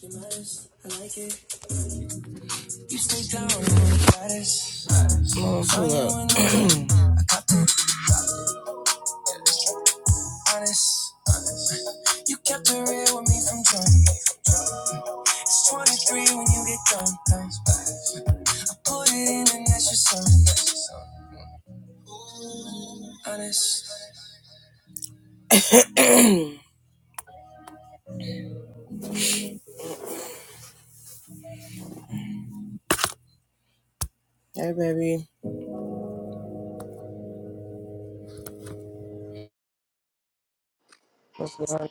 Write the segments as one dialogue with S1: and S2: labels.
S1: You like it. You stay down on Oh, Honest, you kept it real with me from jump. It's 23 when you get done. Put it in and that's your son. Honest. Hey, baby. What's going on?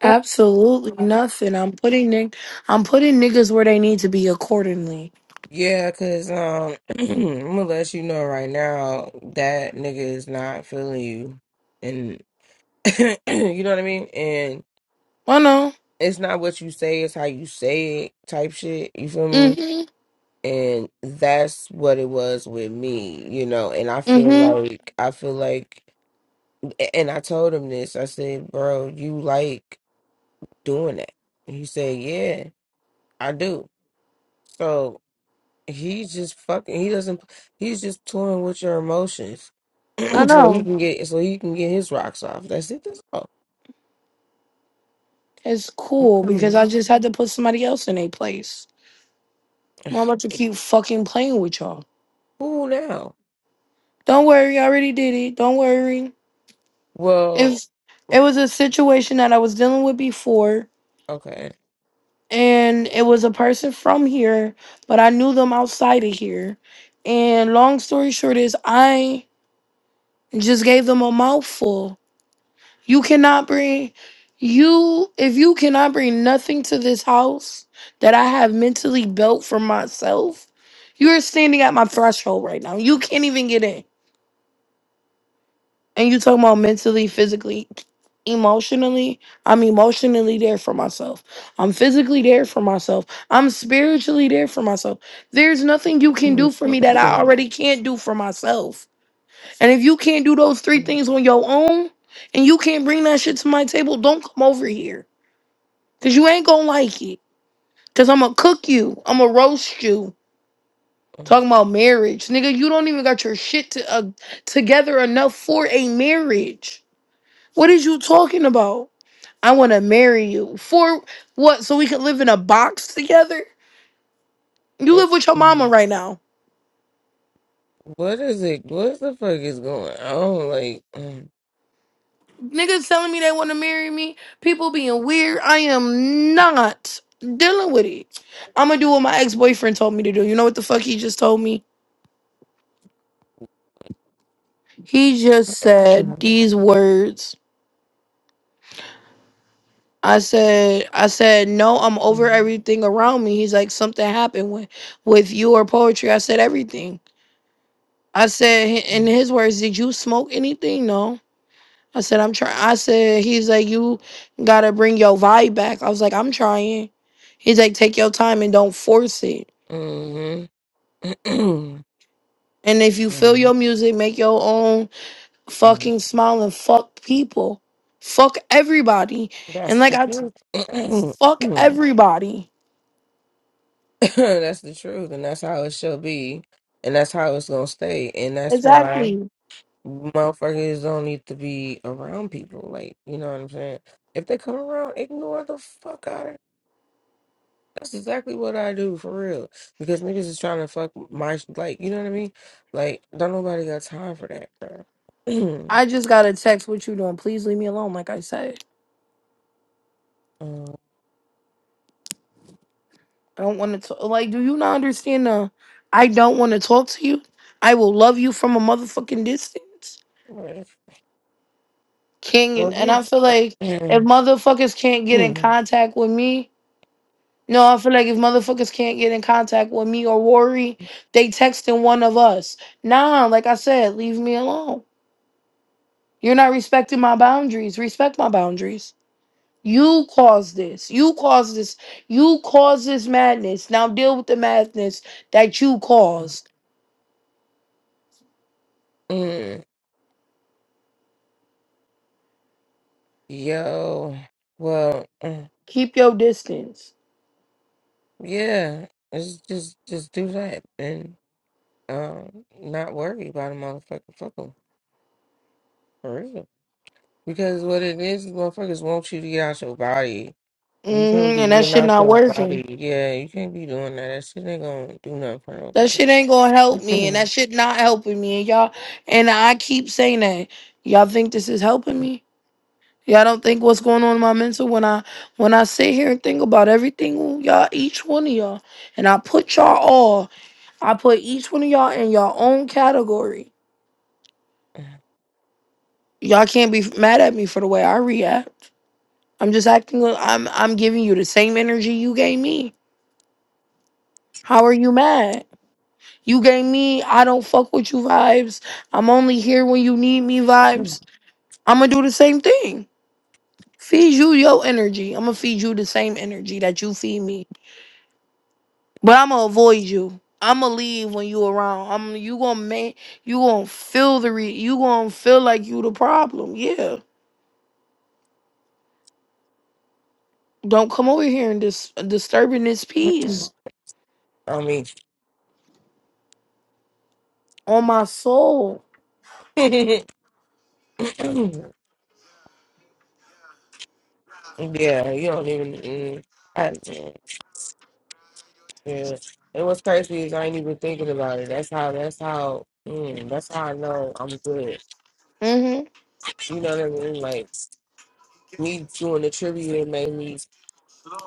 S2: Absolutely nothing. I'm putting nig- I'm putting niggas where they need to be accordingly.
S1: Yeah, cause um, I'm gonna let you know right now that nigga is not feeling you, and you know what I mean.
S2: I know.
S1: it's not what you say, it's how you say it type shit. You feel me?
S2: Mhm.
S1: And that's what it was with me, you know. And I feel
S2: Mhm.
S1: like, I feel like, and I told him this. I said, bro, you like doing that. And he said, yeah, I do. So he's just fucking, he doesn't, he's just toying with your emotions.
S2: I
S1: so he
S2: know.
S1: can get, so he can get his rocks off. That's it. That's all.
S2: It's cool because I
S1: Who
S2: just had to put somebody else in a place. Well, I'm about to keep fucking playing with y'all.
S1: now?
S2: Don't worry, I already did it. Don't worry.
S1: Well,
S2: If it was a situation that I was dealing with before,
S1: okay.
S2: and it was a person from here, but I knew them outside of here. And long story short is I just gave them a mouthful You cannot bring you if you cannot bring nothing to this house that I have mentally built for myself, you are standing at my threshold right now. You can't even get in. And you talking about mentally, physically, emotionally. I'm emotionally there for myself. I'm physically there for myself. I'm spiritually there for myself. There's nothing you can do for me that I already can't do for myself. And if you can't do those three
S1: What
S2: things on your own and you can't bring that shit to my table, don't come over here. Cause you ain't gonna like it. Cause I'ma cook you. I'ma roast you. Talking about marriage. Nigga, you don't even got your shit to, uh, together enough for a marriage. What is you talking about? I wanna marry you. For what? So we can live in a box together? You live with your mama right now.
S1: is it? What the fuck is going on? Like,
S2: Niggas telling me they want to marry me. People being weird. I am not dealing with it. I'm gonna do what my ex boyfriend told me to do. You know what the fuck he just told me? He just said these words. I said, I said, no, I'm over everything around me. He's like, something happened with, with you or poetry. I said everything. I said, in his words, did you smoke anything? No. I said, I'm trying. I said, he's like, you gotta bring your vibe back. I was like, I'm trying. He's like, take your time and don't force it.
S1: mm-hmm.
S2: And if you feel your music, make your own fucking smile and fuck people. Fuck everybody. And
S1: that's
S2: like,
S1: the
S2: I t-
S1: truth.
S2: fuck everybody.
S1: that's the truth, and that's how it shall be, and that's how it's gonna stay, and that's why
S2: Exactly.
S1: motherfuckers don't need to be around people. Like, you know what I'm saying? If they come around, ignore the fuck out That's exactly what I do for real. Because niggas is trying to fuck my sh- like, you know what I mean? Like, don't nobody got time for that, bro.
S2: I just got a text, what you doing? Please leave me alone, like I said.
S1: Uh,
S2: I don't want to, talk. like, do you not understand the, I don't want to talk to you? I will love you from a motherfucking distance.
S1: right. well,
S2: King, and I
S1: this,
S2: feel like if
S1: mm,
S2: motherfuckers can't get in
S1: mm,
S2: contact with me, no, I feel like if motherfuckers can't get in contact with me or worry, they texting one of us. Nah, like I said, leave me alone. You're not respecting my boundaries. Respect my boundaries. You caused this. You caused this. You caused this madness. Now deal with the madness that you caused.
S1: mm, yo, well, mm,
S2: Keep your distance.
S1: yeah, it's just just do that and um, not worry about a motherfucking fucker for real. Because what it is, is motherfuckers want you to get out your body.
S2: hmm
S1: You can't be
S2: and that
S1: getting
S2: shit
S1: out
S2: not
S1: your
S2: working.
S1: body. Yeah, you can't be doing that. That shit ain't gonna do nothing for
S2: That
S1: nobody.
S2: shit ain't gonna help me, and that shit not helping me. And y'all, and I keep saying that. Y'all think this is helping me? Y'all don't think what's going on in my mental when I when I sit here and think about everything y'all, each one of y'all, and I put y'all all, I put each one of y'all in your own category. Y'all can't be mad at me for the way I react. I'm just acting. like- I'm I'm giving you the same energy you gave me. How are you mad? You gave me I don't fuck with you vibes. I'm only here when you need me vibes I'm gonna do the same thing. Feed you your energy. I'm gonna feed you the same energy that you feed me. But I'm gonna avoid you. I'm gonna leave when you around. I'm you gonna make you gonna feel the re you gonna feel like you the problem. Yeah. Don't come over here and dis- disturbing this peace
S1: I mean,
S2: on my soul.
S1: yeah, you don't even. mm, I, yeah, it was crazy. Is I ain't even thinking about it. That's how. That's how. Mm, that's how I know I'm good.
S2: hmm
S1: You know what I mean? Like me doing the tribute it made me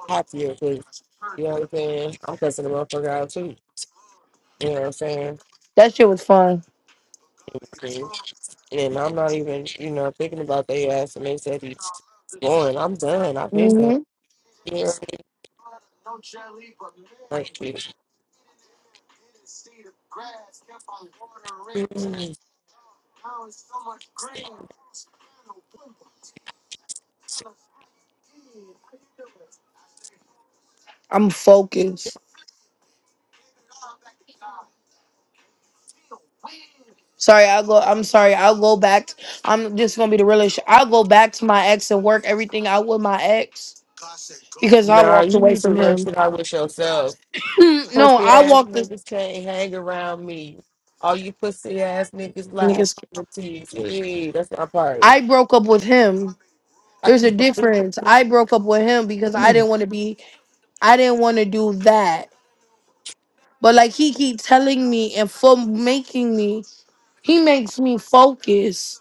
S1: happier because you know what I'm saying. I'm cussing the motherfucker out too. You know what I'm
S2: That shit was fun.
S1: saying? And I'm not even, you know, thinking about their ass and they said he's scoring. I'm done. I've been done.
S2: hmm
S1: You know what I mean? Like, mm,
S2: I'm focused. Sorry, I'll go. I'm sorry. I'll go back. t- I'm just gonna be the realest. I'll go back to my ex and work everything out with my ex because I
S1: nah,
S2: walked
S1: you
S2: away
S1: need to
S2: from
S1: work
S2: him.
S1: it out with yourself.
S2: Mm, no,
S1: Pussy
S2: I
S1: ass
S2: walked this
S1: niggas can't hang around me. All you pussy ass niggas lie
S2: niggas.
S1: policies. Yeah, that's my part.
S2: I broke up with him.
S1: I
S2: There's a
S1: keep
S2: difference. I broke up with him because I didn't want to be. I didn't want to do that. But like he keep telling me and for making me, he makes me focus.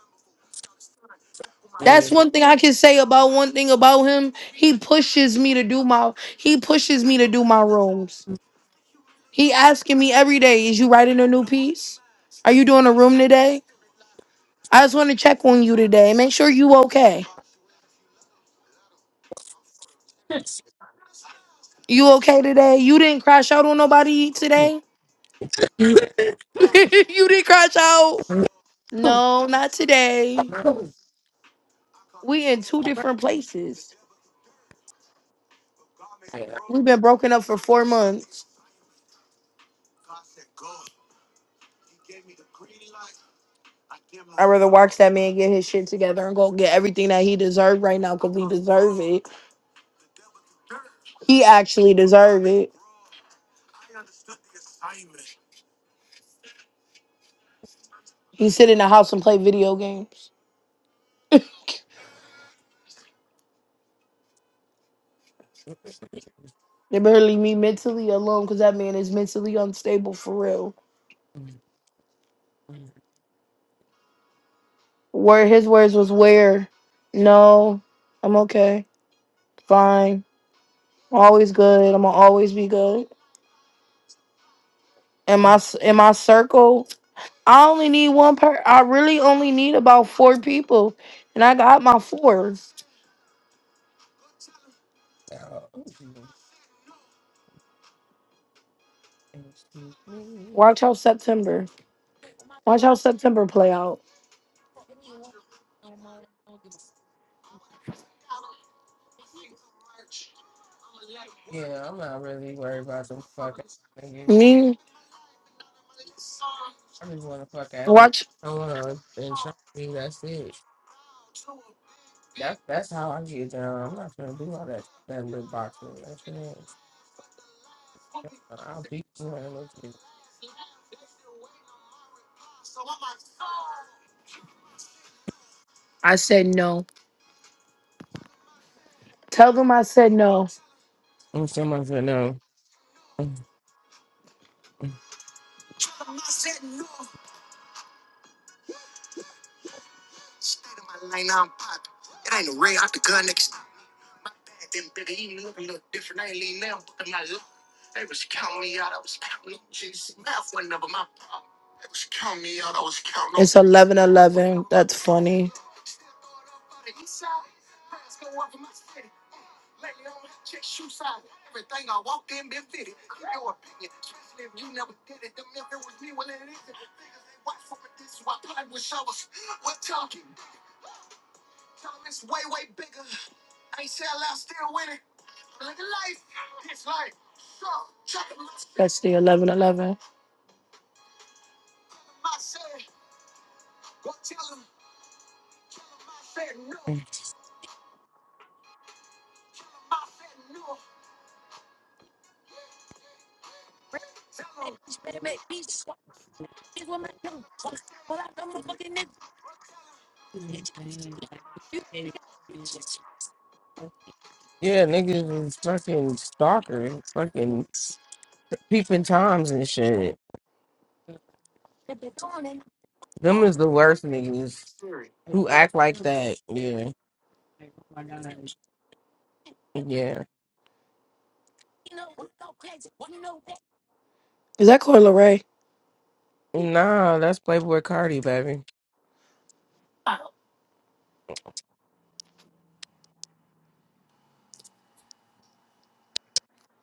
S2: That's one thing I can say about one thing about him. He pushes me to do my he pushes me to do my rooms. He asking me every day, is you writing a new piece? Are you doing a room today? I just want to check on you today. Make sure you okay. You okay today? You didn't crash out on nobody today? you didn't crash out? No, not today.
S1: a
S2: We in two different places. We've been broken up for four months. I'd rather watch that man get his shit together and go get everything that he deserved right now because he deserve it. He actually deserve it. He sit in the house and play video games. They better leave me mentally alone because that man is mentally unstable for real.
S1: Mm, mm,
S2: Where his words was where, no, I'm okay, fine, I'm always good. I'm gonna always be good. In
S1: mm.
S2: my
S1: Oh,
S2: s- in my circle, I only need one per. I really only need about four people, and I got my four.
S1: you Excuse me.
S2: Watch out, September. Watch how September play out.
S1: Yeah, I'm not really worried about them fuck ass niggas.
S2: Me,
S1: I just want to fuck ass niggas.
S2: watch.
S1: I want to insure me. That's it. That that's how I get down. I'm not gonna do all that that lip boxing. That shit. ain't- I'll beat you and look you.
S2: I said no. Tell them I said no.
S1: I'm so much for no. Yeah,
S2: It's 11 11. That's funny. That's the 11 11.
S1: niggas is fucking stalkers, fucking peeping toms and shit. Them is the worst niggas who act like that. Yeah, yeah.
S2: Is that Corey Ray?
S1: Nah, that's Playboy Cardi, baby.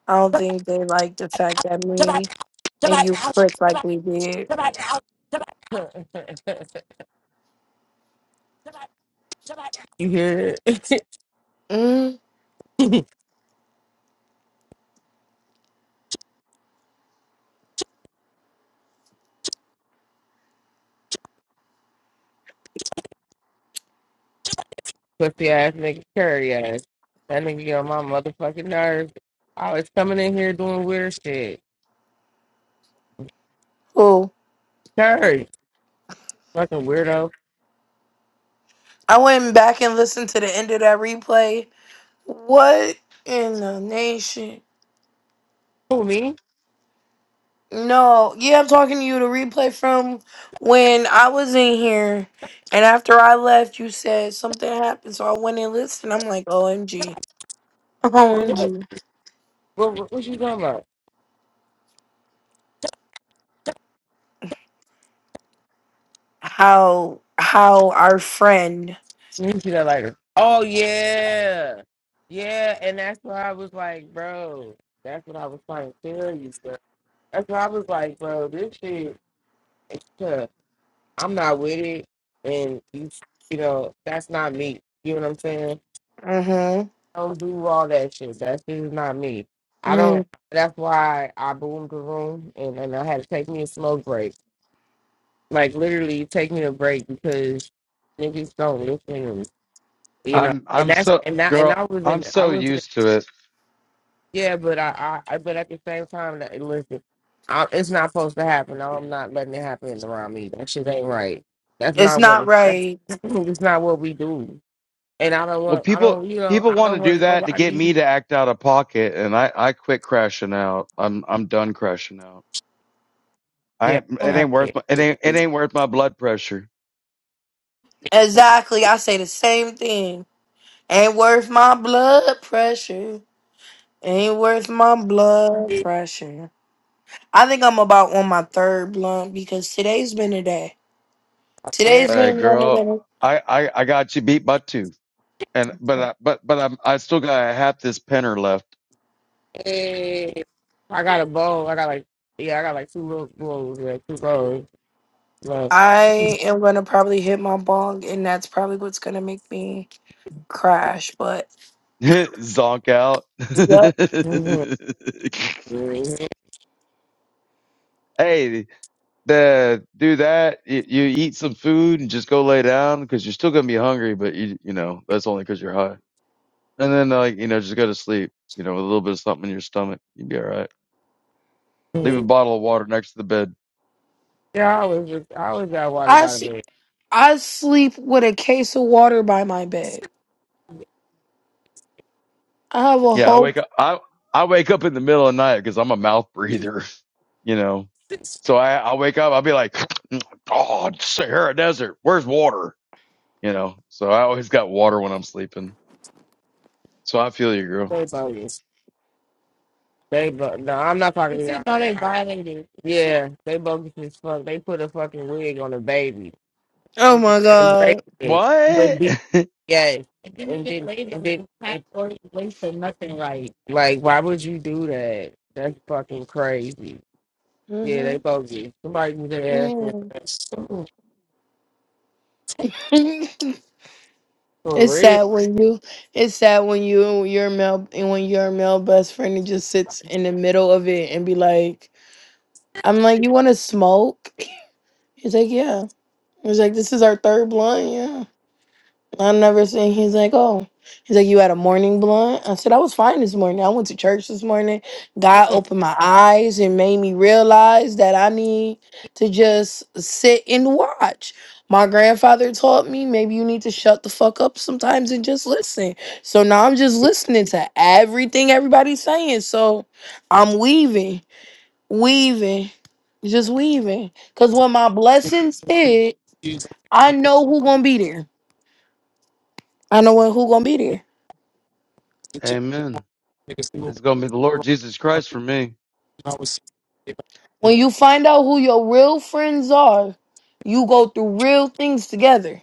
S2: I don't think they like the fact that me and you clicked like we did.
S1: You hear it?
S2: Mm,
S1: Pussy ass nigga, curry ass. That nigga get on my motherfucking nerves. Always coming in here doing weird shit.
S2: oh,
S1: Curry, fucking weirdo.
S2: I went back and listened to the end of that replay. What in the nation?
S1: Who me?
S2: No, yeah, I'm talking to you. The replay from when I was in here, and after I left, you said something happened, so I went and listened. I'm like, OMG,
S1: What? What?
S2: OMG,
S1: What, what, what you talking about?
S2: how how our friend,
S1: Let me see that later. Oh yeah, yeah. And that's what I was like, bro. That's what I was trying to tell you, bro. That's what I was like, bro. This shit, it's tough. I'm not with it, and you, you know, that's not me. You know what I'm saying?
S2: mm-hmm,
S1: don't do all that shit. That shit is not me. I
S2: mm,
S1: don't. That's why I boomed the room and, and I had to take me a smoke break. Like literally, take me a break because niggas don't listen. You know,
S3: I'm
S1: and
S3: I'm
S1: that's
S3: so
S1: and that and
S3: girl,
S1: I was
S3: I'm
S1: in. I
S3: so
S1: was in.
S3: used to it.
S1: Yeah, but I, I I- but at the same time, that- listen, I, it's not supposed to happen. No, I'm not letting it happen around me. That shit ain't right. That's
S2: it's
S1: not what
S2: not
S1: it's. That's
S2: right.
S1: it's not what we do. And I don't
S3: Well,
S1: want. I
S3: people
S1: don't. You know.
S3: people
S1: I
S3: want
S1: don't
S3: to do
S1: want
S3: that to get
S1: nobody.
S3: me to act out of pocket, and I I quit crashing out. I'm I'm done crashing out. I
S1: Yeah, I don't
S3: it
S1: have
S3: ain't worth my, it
S1: to.
S3: ain't it ain't worth my blood pressure.
S2: Exactly, I say the same thing. Ain't worth my blood pressure. Ain't worth my blood pressure. I think I'm about on my third blunt because today's been a day.
S1: Yeah.
S2: Today's
S3: Uh,
S2: been one of
S3: girl,
S2: them.
S3: I I I got you beat by two, and but I, but but I'm I still got a half this penner left.
S1: I got a bowl. I got like yeah, I got like two little bowls, yeah, two bowls. But
S2: I am gonna probably hit my bong, and that's probably what's gonna make me crash. But
S3: Zonk out.
S2: yep,
S1: Mhm.
S3: hey, the do that. You, you eat some food and just go lay down because you're still gonna be hungry, but you you know that's only because you're high. And then like you know just go to sleep. You know with a little bit of something in your stomach, you'd be all right. Leave a bottle of water next to the bed.
S1: yeah, I always just I always got water
S2: I
S1: by the
S2: s-
S1: bed.
S2: I sleep with a case of water by my bed. I have a
S3: Yeah, I
S2: whole.
S3: wake up. I I wake up in the middle of the night because I'm a mouth breather. You know,
S1: They
S3: so I I wake up. I'll be like, oh it's Sahara Desert, where's water? You know, so I always got water when I'm sleeping. So I feel you, girl.
S1: bogus. They bo- no, I'm not talking to y'all. No, they violated. Yeah, they bogus as fuck. They put a fucking wig on a baby
S2: Oh my
S1: and braided
S2: god.
S1: it with
S3: What?
S1: beads. Yes. And didn't and even didn't- lace and it didn't- tight or lace it nothing right. Like, why would you do that? That's fucking crazy. Yeah, they
S2: hmm
S1: bogey. Somebody need to ask me for that. So, For
S2: it's
S1: real.
S2: sad when you. It's sad when you your male and when your male best friend just sits in the middle of it and be like, "I'm like, you want to smoke?" He's like, "Yeah." He's like, "This is our third blunt, yeah." I've never seen. He's like, oh, he's like, you had a morning blunt. I said, I was fine this morning. I went to church this morning. God
S1: Oh,
S2: opened my eyes and made me realize that I need to just sit and watch. My grandfather taught me maybe you need to shut the fuck up sometimes and just listen. So now I'm just listening to everything everybody's saying. So I'm weaving, weaving, just weaving. Cause when my blessings hit,
S1: Jesus.
S2: I
S1: Niggas
S2: know who gonna be there. I know who gonna be there.
S3: Amen.
S1: see what
S3: It's gonna be the Lord
S1: we
S3: Jesus Christ for me.
S1: I was seeing
S2: When
S1: it.
S2: you find out who your real friends are, you go through real things together.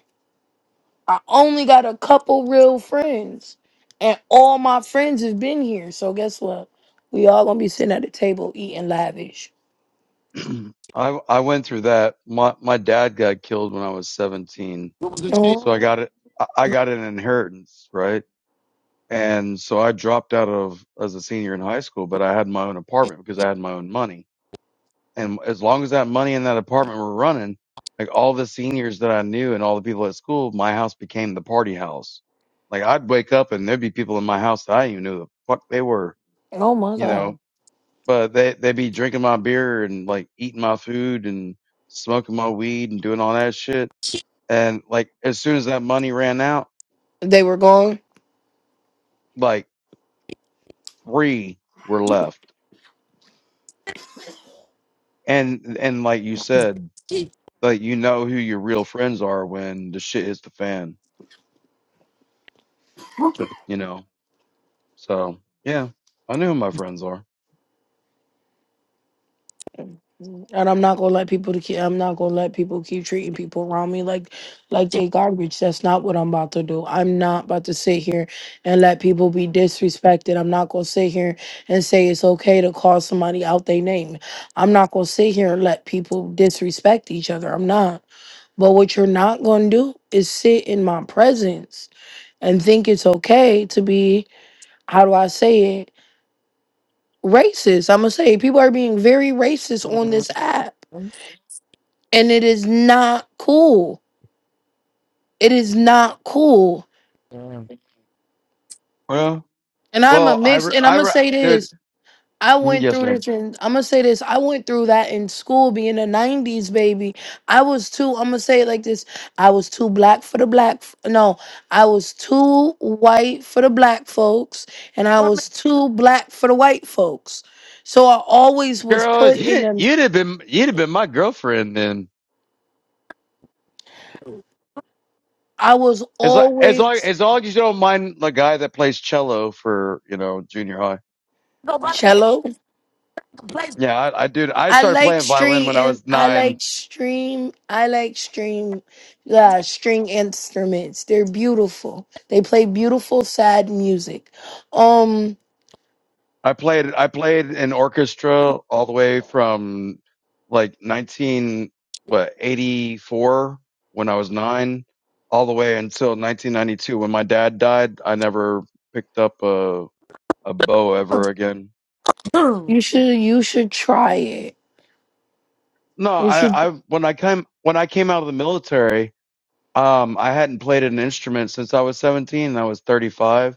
S2: I only got a couple real friends, and all my friends have been here. So guess what? We all gonna be sitting at the table eating lavish.
S3: I I went through that. My my dad got killed when I was seventeen,
S1: What was the shit?
S3: so I
S2: Oh,
S3: got it. I I got an inheritance, right? And so I dropped out of as a senior in high school, but I had my own apartment because I had my own money. And as long as that money and that apartment were running, like all the seniors that I knew and all the people at school, my house became the party house. Like I'd wake up and there'd be people in my house that I didn't even know who the fuck they were,
S2: oh my
S3: you know
S2: god!
S3: but they they be drinking my beer and like eating my food and smoking my weed and doing all that shit. And like as soon as that money ran out,
S2: They were gone.
S3: like three were left. And and like you said,
S1: Shit.
S3: like you know who your real friends are when the shit hits the fan, you know. So yeah, I knew who my friends are.
S2: And I'm not gonna let people to keep. I'm not gonna let people keep treating people around me like, like they garbage. That's not what I'm about to do. I'm not about to sit here and let people be disrespected. I'm not gonna sit here and say it's okay to call somebody out their name. I'm not gonna sit here and let people disrespect each other. I'm not. But what you're not gonna do is sit in my presence and think it's okay to be. How do I say it? Racist. I'm gonna say people are being very racist on
S1: Mhm.
S2: this app and it is not cool. It is not cool.
S1: Yeah.
S3: Well,
S2: And I'm a
S3: well, I
S2: mix,
S3: re-
S2: and I'm
S3: I
S2: gonna
S3: re-
S2: say
S3: dude,
S2: this. I
S3: mm,
S2: went
S3: yes,
S2: through
S3: ma'am.
S2: this, and I'm gonna say this. I went through that in school, being a '90s baby. I was too. I'm gonna say it like this. I was too black for the black. f- No, I was too white for the black folks, and I
S1: Well, man,
S2: was too black for the white folks. So I always was
S3: Girl,
S2: put in them.
S3: you'd have been you'd have been my girlfriend then.
S2: I was
S3: As long as long
S2: always
S3: as long as you don't mind the guy that plays cello for you know junior high.
S1: Go by the
S2: cello.
S1: nigga place.
S3: Yeah, I, I dude, I
S2: I
S3: started
S2: like
S3: playing violin
S2: string
S3: when I
S2: and
S3: was
S2: I
S3: nine.
S2: like stream. I like stream uh, string instruments. They're beautiful. They play beautiful sad music. Um,
S3: I played I played in orchestra all the way from like nineteen what eighty four when I was nine, all the way until nineteen ninety two when my dad died. I never picked up a a bow ever again.
S1: Boom.
S2: you should you should try it.
S3: No,
S2: You should.
S3: I, I when I came when I came out of the military, Um, I hadn't played an instrument since I was 17 and I was 35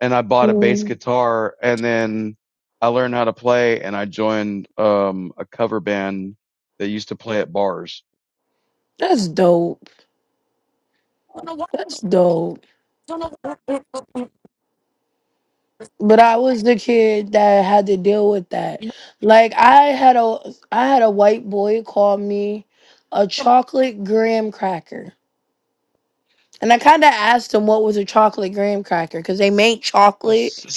S3: and I bought a bass
S2: mm,
S3: guitar and then I learned how to play and I joined, um, a cover band that used to play at bars.
S2: That's dope.
S1: Don't know what.
S2: That's dope.
S1: Don't know what.
S2: But I was the kid that had to deal with that.
S1: You know
S2: Like I had a I had a white boy call me a
S1: come-
S2: chocolate graham cracker And I kind of asked them what was a chocolate graham cracker because they make
S3: S-
S2: chocolate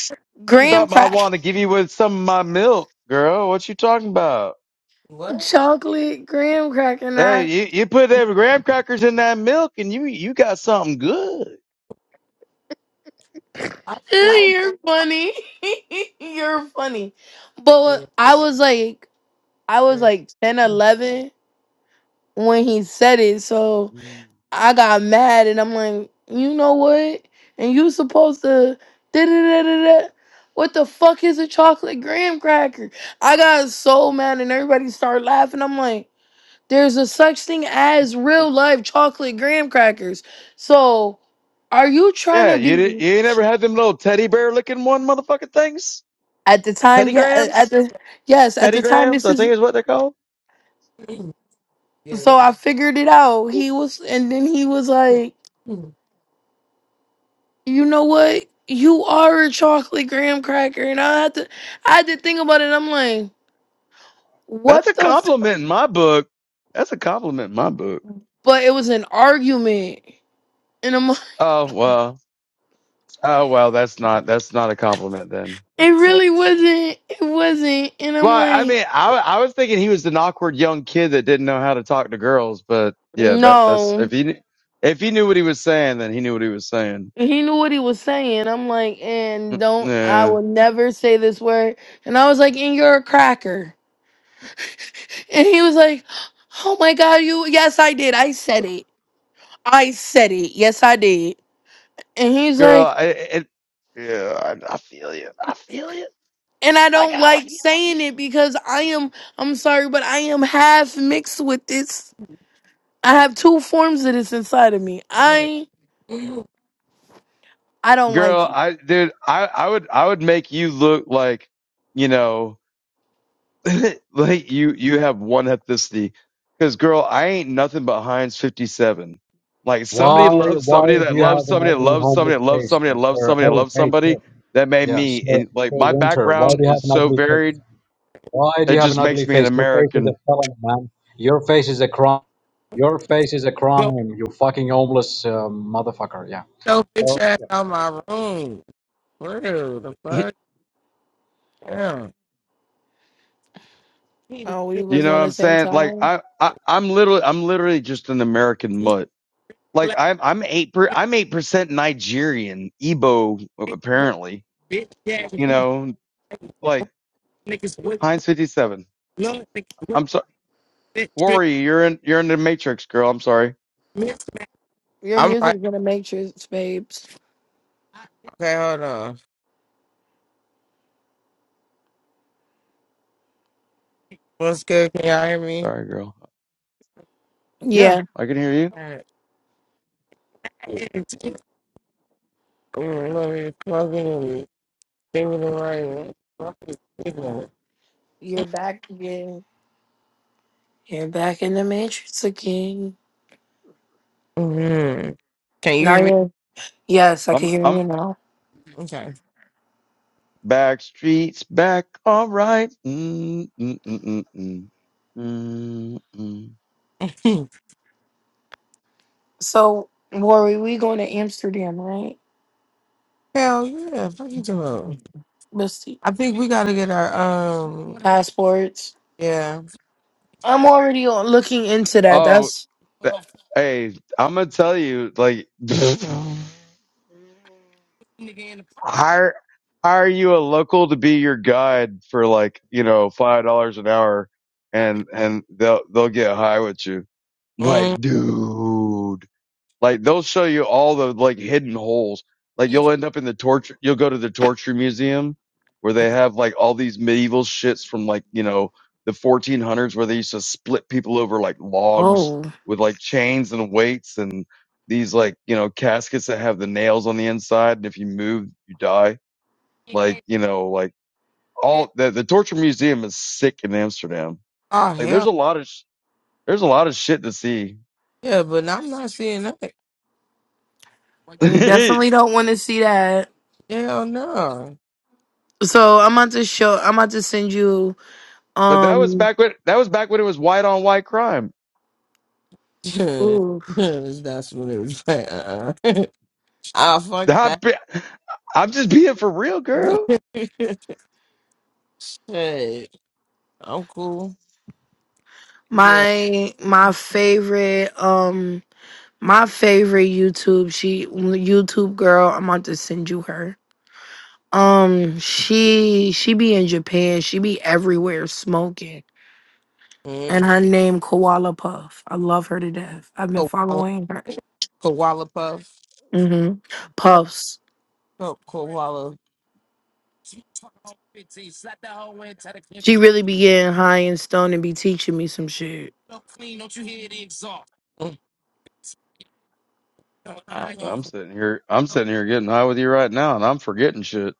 S1: mm,
S2: graham
S3: Something I
S2: crack,
S3: want to give you with some of my milk, girl. What you talking about?
S1: what?
S2: chocolate graham cracker. And
S3: Hey,
S2: I,
S3: you, you put them graham crackers in that milk and you, you got something good.
S1: I don't know.
S2: you're funny, you're funny. But I was like, I was like 10, 11 when he said it, so
S3: Mm.
S2: I got mad and I'm like, you know what? And you supposed to da da da da da. What the fuck is a chocolate graham cracker? I got so mad and everybody started laughing. I'm like. There's a such thing as real life chocolate graham crackers. So, are you trying
S3: Yeah.
S2: to
S3: You, di-
S2: be
S3: you ain't ever had them little teddy bear looking one motherfucking things?
S2: at the time?
S3: Teddy
S2: Yeah, uh, at
S3: grams?
S2: the yes, at
S3: Teddy
S2: the time.
S3: grams,
S2: This
S3: I
S2: is
S3: think is what they're called.
S1: Yeah, they
S2: so I figured it out. He was, and then he was
S1: probably-
S2: like, "You know what? You are a chocolate graham cracker." And I had to, I had to think about it. I'm like,
S3: That's
S2: "What
S3: a
S2: the?" F-?
S3: compliment in my book. That's a compliment in my book.
S2: But it was an argument, and I'm, like,
S3: Oh well. Oh well. That's not. That's not a compliment then.
S2: it
S1: so
S2: really wasn't. It wasn't, and
S3: Well,
S2: I'm
S3: I
S2: like,
S3: mean, I I was thinking he was an awkward young kid that didn't know how to talk to girls, but yeah, that that's
S2: "No."
S3: if he kn- if he knew what he was saying, then he knew what he was saying.
S2: he knew what he was saying. I'm like, and
S3: Mm,
S2: don't I
S3: Yeah,
S2: will never say this word. And I was like, and you're a cracker. And he was like, oh my god, you yes I did. I said it. I said it. Yes I did. And he's
S3: girl,
S2: like,
S3: I it, yeah, I, I feel you. I feel you.
S2: and I
S3: My
S2: don't
S3: God, I
S2: like
S3: feel you.
S2: saying it because I am I'm sorry, but I am half mixed with this. I have two forms of this inside of me.
S1: I'm like,
S2: I I don't like
S3: Girl,
S2: you.
S3: I dude, I I would I would make you look like you know like you you have one ethnicity because girl i ain't nothing but heinz 57 like somebody
S4: Why
S3: loves
S4: why
S3: somebody
S4: do
S3: that
S4: you
S3: loves
S4: have an
S3: somebody that
S4: ugly
S3: loves somebody
S4: homeless
S3: that loves
S4: face,
S3: somebody that loves
S4: sir?
S3: somebody that
S4: Hey,
S3: loves
S4: hey, sir.
S3: somebody that made
S4: Yeah, sir,
S3: me and
S4: sir
S3: like my
S4: Winter. Why do
S3: background
S4: you have
S3: is
S4: an
S3: so
S4: ugly face?
S3: varied
S4: Why do
S3: it
S4: you have
S3: just
S4: an
S3: makes
S4: ugly
S3: me an
S4: face? Your face is a
S3: american
S4: felony, man. Your face is a crime. Your face is a crime.
S1: go.
S4: You fucking homeless uh, motherfucker. Yeah.
S1: Yo, bitch
S4: So,
S1: ass out my room. Real the
S3: you
S1: fuck? Yeah.
S2: Oh, we was
S3: know
S2: on
S3: what
S2: the
S3: i'm
S2: same
S3: saying like
S2: time.
S3: i, I i'm literally i'm literally just an american
S1: black
S3: mutt like
S1: man,
S3: i'm i'm eight per i'm eight percent nigerian igbo
S1: whack,
S3: apparently
S1: bitch, yeah, with
S3: you
S1: these
S3: know like
S1: niggas with
S3: heinz 57
S1: blood, niggas with
S3: I'm sorry.
S1: that trip,
S3: Worry, you're in you're in the matrix, girl. I'm sorry.
S1: miss,
S2: Your
S1: I'm like,
S2: music's gonna make matrix, babes.
S1: okay, hold on. What's good? Can y'all hear me?
S3: Sorry, girl. Yeah,
S2: Yeah.
S3: I can hear you.
S1: man. Mm, let me plug in and think of the right one.
S2: You're back again. You're back in the matrix again.
S1: Mm-hmm. Can you
S2: Now
S1: hear me?
S2: you're yes, I can
S3: I'm
S2: hear
S3: I'm
S2: you now.
S1: Okay.
S3: back streets back. All right. Mm, mm, mm, mm, mm. Mm, mm.
S2: So Worry, we going to Amsterdam, right?
S1: Hell yeah. Fuck you, Jamal.
S2: Let's see.
S1: I think we gotta get our um.
S2: Passports.
S1: Yeah.
S2: I'm
S1: Mm.
S2: already on- looking into that.
S3: Oh,
S2: That's
S3: th- hey, I'm gonna tell you, like, hire hire you a local to be your guide for like you know five dollars an hour, and and they'll they'll get high with you. Like, dude. Like they'll show you all the like hidden holes. Like you'll end up in the torture. You'll go to the torture museum where they have like all these medieval shits from like you know the 1400s where they used to split people over like logs
S2: oh.
S3: with like chains and weights and these like you know caskets that have the nails on the inside and if you move you die. Like you know like all the the torture museum is sick in Amsterdam.
S1: Oh
S3: Like there's
S1: hell.
S3: a lot of sh- there's a lot of shit to see.
S1: Yeah, but I'm not seeing that.
S2: I definitely don't want to see that.
S1: Hell no.
S2: So I'm about to show I'm about to send you
S3: But that was
S2: um
S3: back when that was back when it was white on white crime.
S2: ooh,
S1: That's what it was like. Uh-uh. I fuck
S3: I'd
S1: that.
S3: be- I'm just being for real, girl.
S1: hey, I'm cool. Yeah.
S2: my my favorite um my favorite YouTube she YouTube girl. I'm about to send you her. Um, she she be in Japan. She be everywhere smoking.
S1: Mm.
S2: And her name Koala Puff. I love her to death. I've been
S1: Koala,
S2: following her.
S1: koala puff.
S2: Mm-hmm. Puffs.
S1: Ko- Koala. Mm. I-
S2: She really be getting high and stoned and be teaching me some shit.
S3: I'm sitting here. I'm sitting here getting high with you right now, and I'm forgetting shit.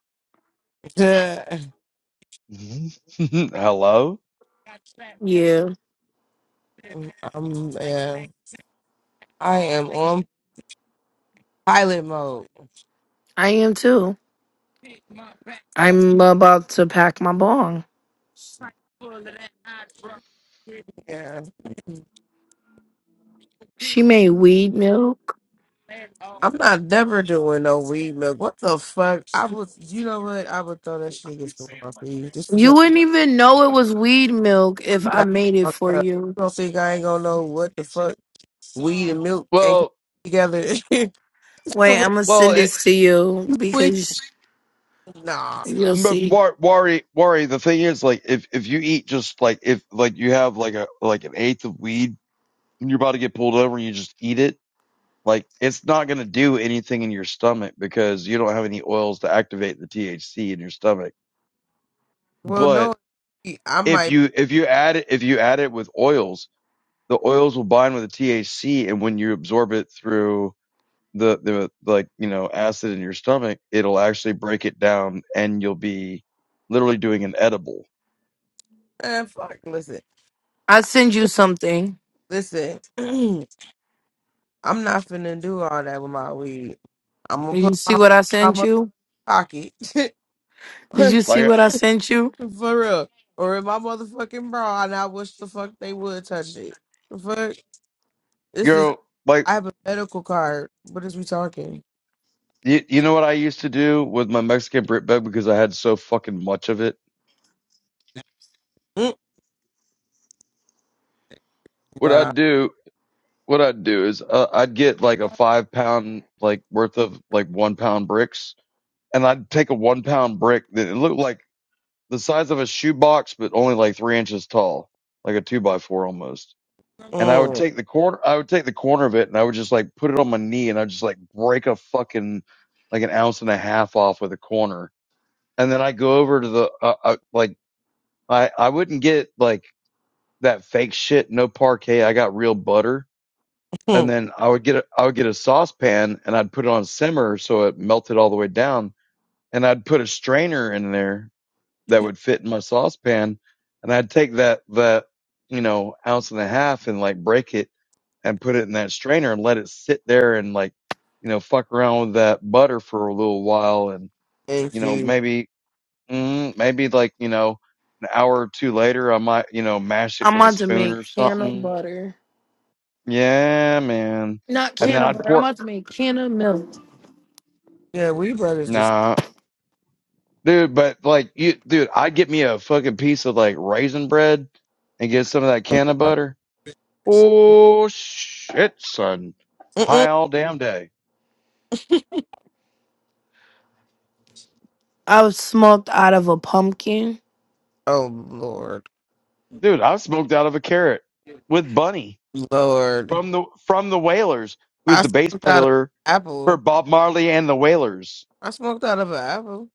S1: Yeah.
S3: Hello.
S2: Yeah,
S1: I'm, yeah. I am on pilot mode.
S2: I am too.
S1: Big my backyard
S2: I'm about to pack my bong.
S1: tank full of that hydro. Yeah. Big
S2: She made weed milk.
S1: and all. I'm not never doing no weed milk. What the fuck? I would, you know what? I would throw that shit against the wall for you. Just to
S2: You
S1: joke.
S2: wouldn't even know it was weed milk if
S1: You
S2: I
S1: got
S2: made it
S1: fucked
S2: for
S1: up.
S2: you.
S1: You don't think I ain't gonna know what the fuck weed and milk ain't gonna
S3: Well,
S1: be together?
S2: Wait,
S1: What
S2: I'm gonna
S3: well,
S2: send
S3: it,
S2: this to you
S1: the
S2: because
S1: fuck? nah. Yeah.
S2: you'll
S3: but
S2: see.
S3: War- worry, worry. The thing is, like, if if you eat just like if like you have like a like an eighth of weed, and you're about to get pulled over, and you just eat it. Like, it's not gonna do anything in your stomach because you don't have any oils to activate the THC in your stomach.
S1: Well,
S3: but.
S1: no. I
S3: if
S1: might.
S3: you if you add it if you add it with oils, the oils will bind with the THC, and when you absorb it through the the like you know acid in your stomach, it'll actually break it down, and you'll be literally doing an edible.
S1: Man, fuck. Listen.
S2: I send you something.
S1: Listen. I'm not finna do all that with my weed. I'm gonna
S2: Did you
S1: put
S2: see what I sent
S1: my
S2: you?
S1: pocket.
S2: Did
S1: For
S2: you see
S3: Like
S2: what I sent you?
S1: real. Or in my motherfucking bra, and I wish the fuck they would touch it. The fuck? This is,
S3: you're like
S1: I have a medical card. What is we talking?
S3: you, you know what I used to do with my Mexican Brit bag because I had so fucking much of it.
S1: Mm,
S3: What I'd
S1: wow.
S3: do. What I'd do is uh, I'd get like a five pound like worth of like one pound bricks, and I'd take a one pound brick that it looked like the size of a shoebox, but only like three inches tall, like a two by four almost. And I would
S1: Mm,
S3: take the corner, I would take the corner of it, and I would just like put it on my knee, and I'd just like break a fucking like an ounce and a half off with a corner. And then I go over to the uh, uh, like I I wouldn't get like that fake shit, no parquet. I got real butter, and
S1: mm,
S3: then I would get a, I would get a saucepan, and I'd put it on simmer so it melted all the way down, and I'd put a strainer in there, that would fit in my saucepan. And I'd take that, that, you know, ounce and a half and like break it and put it in that strainer and let it sit there and like, you know, fuck around with that butter for a little while. And, you
S1: thank
S3: know,
S1: you.
S3: maybe, mm, maybe like, you know, an hour or two later, I might, you know, mash it
S2: I'm
S3: with a
S2: about to
S3: spoon
S2: make
S3: or
S2: canna
S3: something.
S2: butter.
S3: Yeah, man.
S2: Not
S3: And
S1: We,
S3: then
S2: canna
S3: I'd
S2: butter. I'm
S3: pour,
S2: about to make canna milk.
S1: yeah, we brothers just,
S3: nah, dude, but like you, dude, I'd get me a fucking piece of like raisin bread and get some of that can of butter Oh shit, son. High
S1: mm-mm.
S3: all damn day.
S2: I was smoked out of a pumpkin.
S1: oh lord.
S3: Dude, I smoked out of a carrot with Bunny
S1: Lord.
S3: from the from the Whalers, who's
S1: I
S3: the bass
S1: smoked out of an
S3: player for
S1: apple.
S3: Bob Marley and the Whalers.
S1: I smoked out of an apple.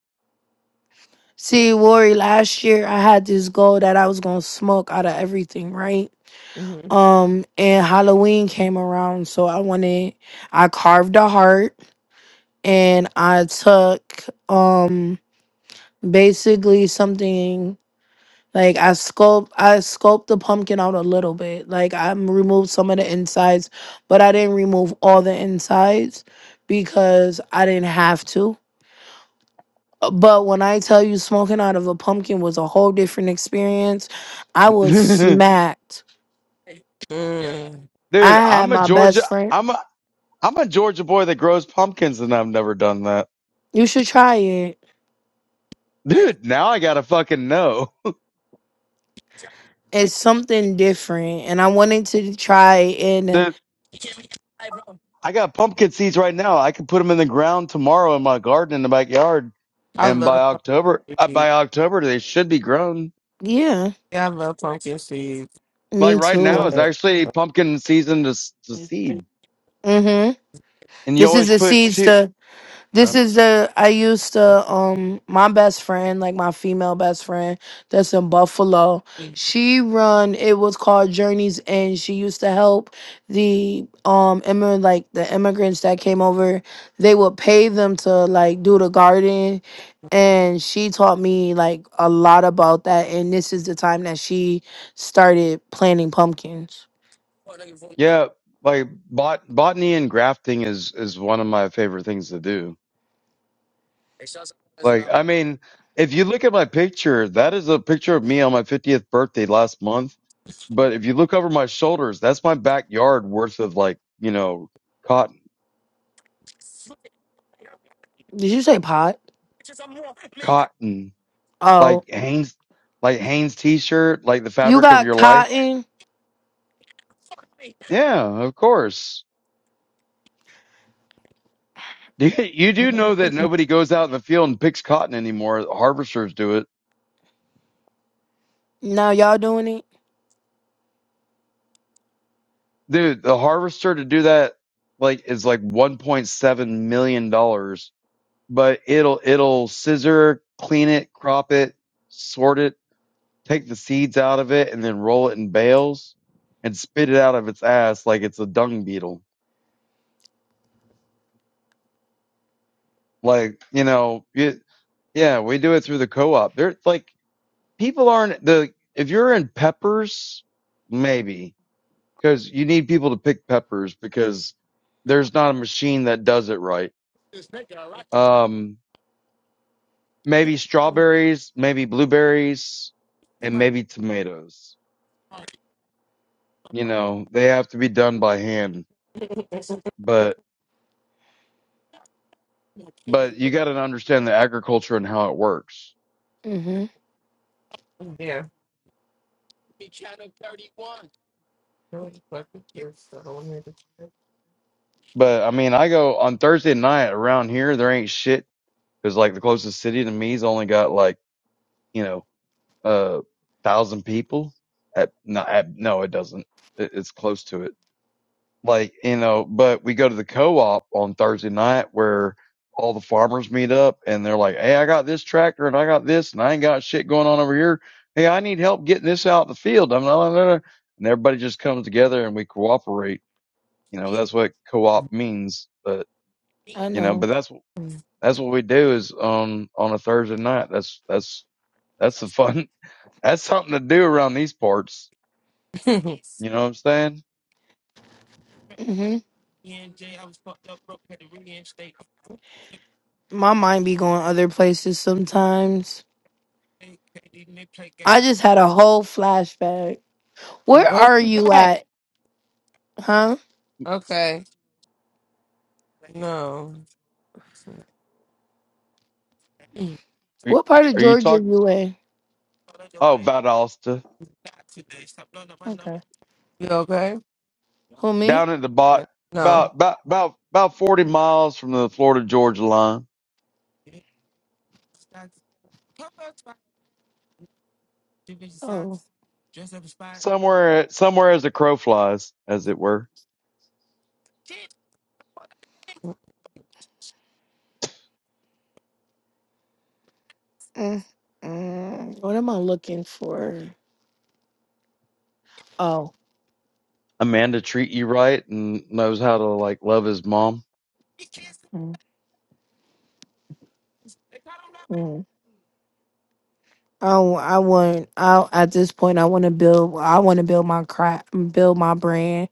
S2: See, Lori, last year I had this goal that I was gonna smoke out of everything, right?
S1: hmm
S2: Um, and Halloween came around, so I wanted I carved a heart and I took um basically something Like I sculpt I sculpt the pumpkin out a little bit. Like I removed some of the insides, but I didn't remove all the insides because I didn't have to. Uh, But when I tell you smoking out of a pumpkin was a whole different experience, I was
S3: Dude,
S2: smacked.
S1: Mm.
S2: I had
S3: I'm a
S2: my best
S3: Georgia
S2: friend.
S3: I'm a I'm a Georgia boy that grows pumpkins and I've never done that.
S2: You should try it.
S3: Dude, now I gotta fucking know.
S2: It's something different and I wanted to try and
S3: Dude,
S1: I
S3: I got pumpkin seeds right now. I could put them in the ground tomorrow in my garden in the backyard. And by
S1: love
S3: October,
S1: pumpkin
S3: uh,
S1: seeds.
S3: by October, they should be grown.
S2: yeah,
S1: Yeah, I love pumpkin seeds.
S3: like
S2: me
S3: right now
S2: too.
S1: What?
S3: is actually pumpkin season to, s- to
S1: Uh,
S3: seed
S2: Mhm.
S3: and you
S2: This is
S3: always
S2: the
S3: put
S2: seeds
S3: two
S2: to. This is the I used to um my best friend, like my female best friend that's in Buffalo.
S1: yeah.
S2: She run it was called Journeys and she used to help the um immigrant like the immigrants that came over. They would pay them to like do the garden and she taught me like a lot about that and this is the time that she started planting pumpkins.
S3: yeah like bot botany and grafting is is one of my favorite things to do like i mean if you look at my picture that is a picture of me on my 50th birthday last month but if you look over my shoulders that's my backyard worth of like you know cotton
S2: Did you say pot?
S3: cotton
S2: Oh.
S3: like hanes like hanes t-shirt like the
S2: You
S3: fabric of
S2: got
S3: your life
S2: cotton?
S3: yeah of course You you do know that nobody goes out in the field and picks cotton anymore. harvesters do it.
S2: Now y'all doing it?
S3: Dude, the harvester to do that like is like 1.7 million dollars, but it'll it'll scissor, clean it, crop it, sort it, take the seeds out of it and then roll it in bales and spit it out of its ass like it's a dung beetle. Like, you know, it, yeah, we do it through the co-op. There like people aren't the if you're in peppers, maybe. because you need people to pick peppers because there's not a machine that does it right. Um, maybe strawberries, maybe blueberries, and maybe tomatoes. You know, they have to be done by hand, but, but you got to understand the agriculture and how it works.
S2: Mm-hmm.
S1: Really fucking cute, so don't to check.
S3: But I mean, I go on Thursday night around here, there ain't shit because like the closest city to me's only got like, you know, a thousand people at, no, at, no, it doesn't. It, it's close to it like you know but we go to the co-op on thursday night where all the farmers meet up and they're like hey i got this tractor and i got this and i ain't got shit going on over here hey i need help getting this out in the field i'm not and everybody just comes together and we cooperate you know
S1: Mm.
S3: that's what co-op means but
S2: I
S3: you know but
S2: know.
S3: that's that's what we do is on on a thursday night that's that's that's the fun that's something to do around these parts you know what i'm saying
S2: hmm My mind be going other places sometimes. I just had a whole flashback. Where
S1: What was
S2: are you
S1: that?
S2: at? Huh?
S1: Okay. No.
S2: What part of
S3: are you
S2: Georgia
S3: talking
S2: you in?
S3: oh
S1: Mm.
S3: valdosta
S2: Okay.
S1: You okay?
S2: Who me?
S3: down at the bot,
S1: Right. No. Oh,
S3: about about about about forty miles from the Florida Georgia line,
S1: me. Hey. Oh, oh,
S2: Oh.
S3: somewhere somewhere as a crow flies, as it were.
S2: Mm, mm. What am I looking for? Oh.
S3: A man to treat you right and knows how to like love his mom.
S2: Mm. mm. Oh, I want. I at this point, I want to build. I want to build my crap, build my brand,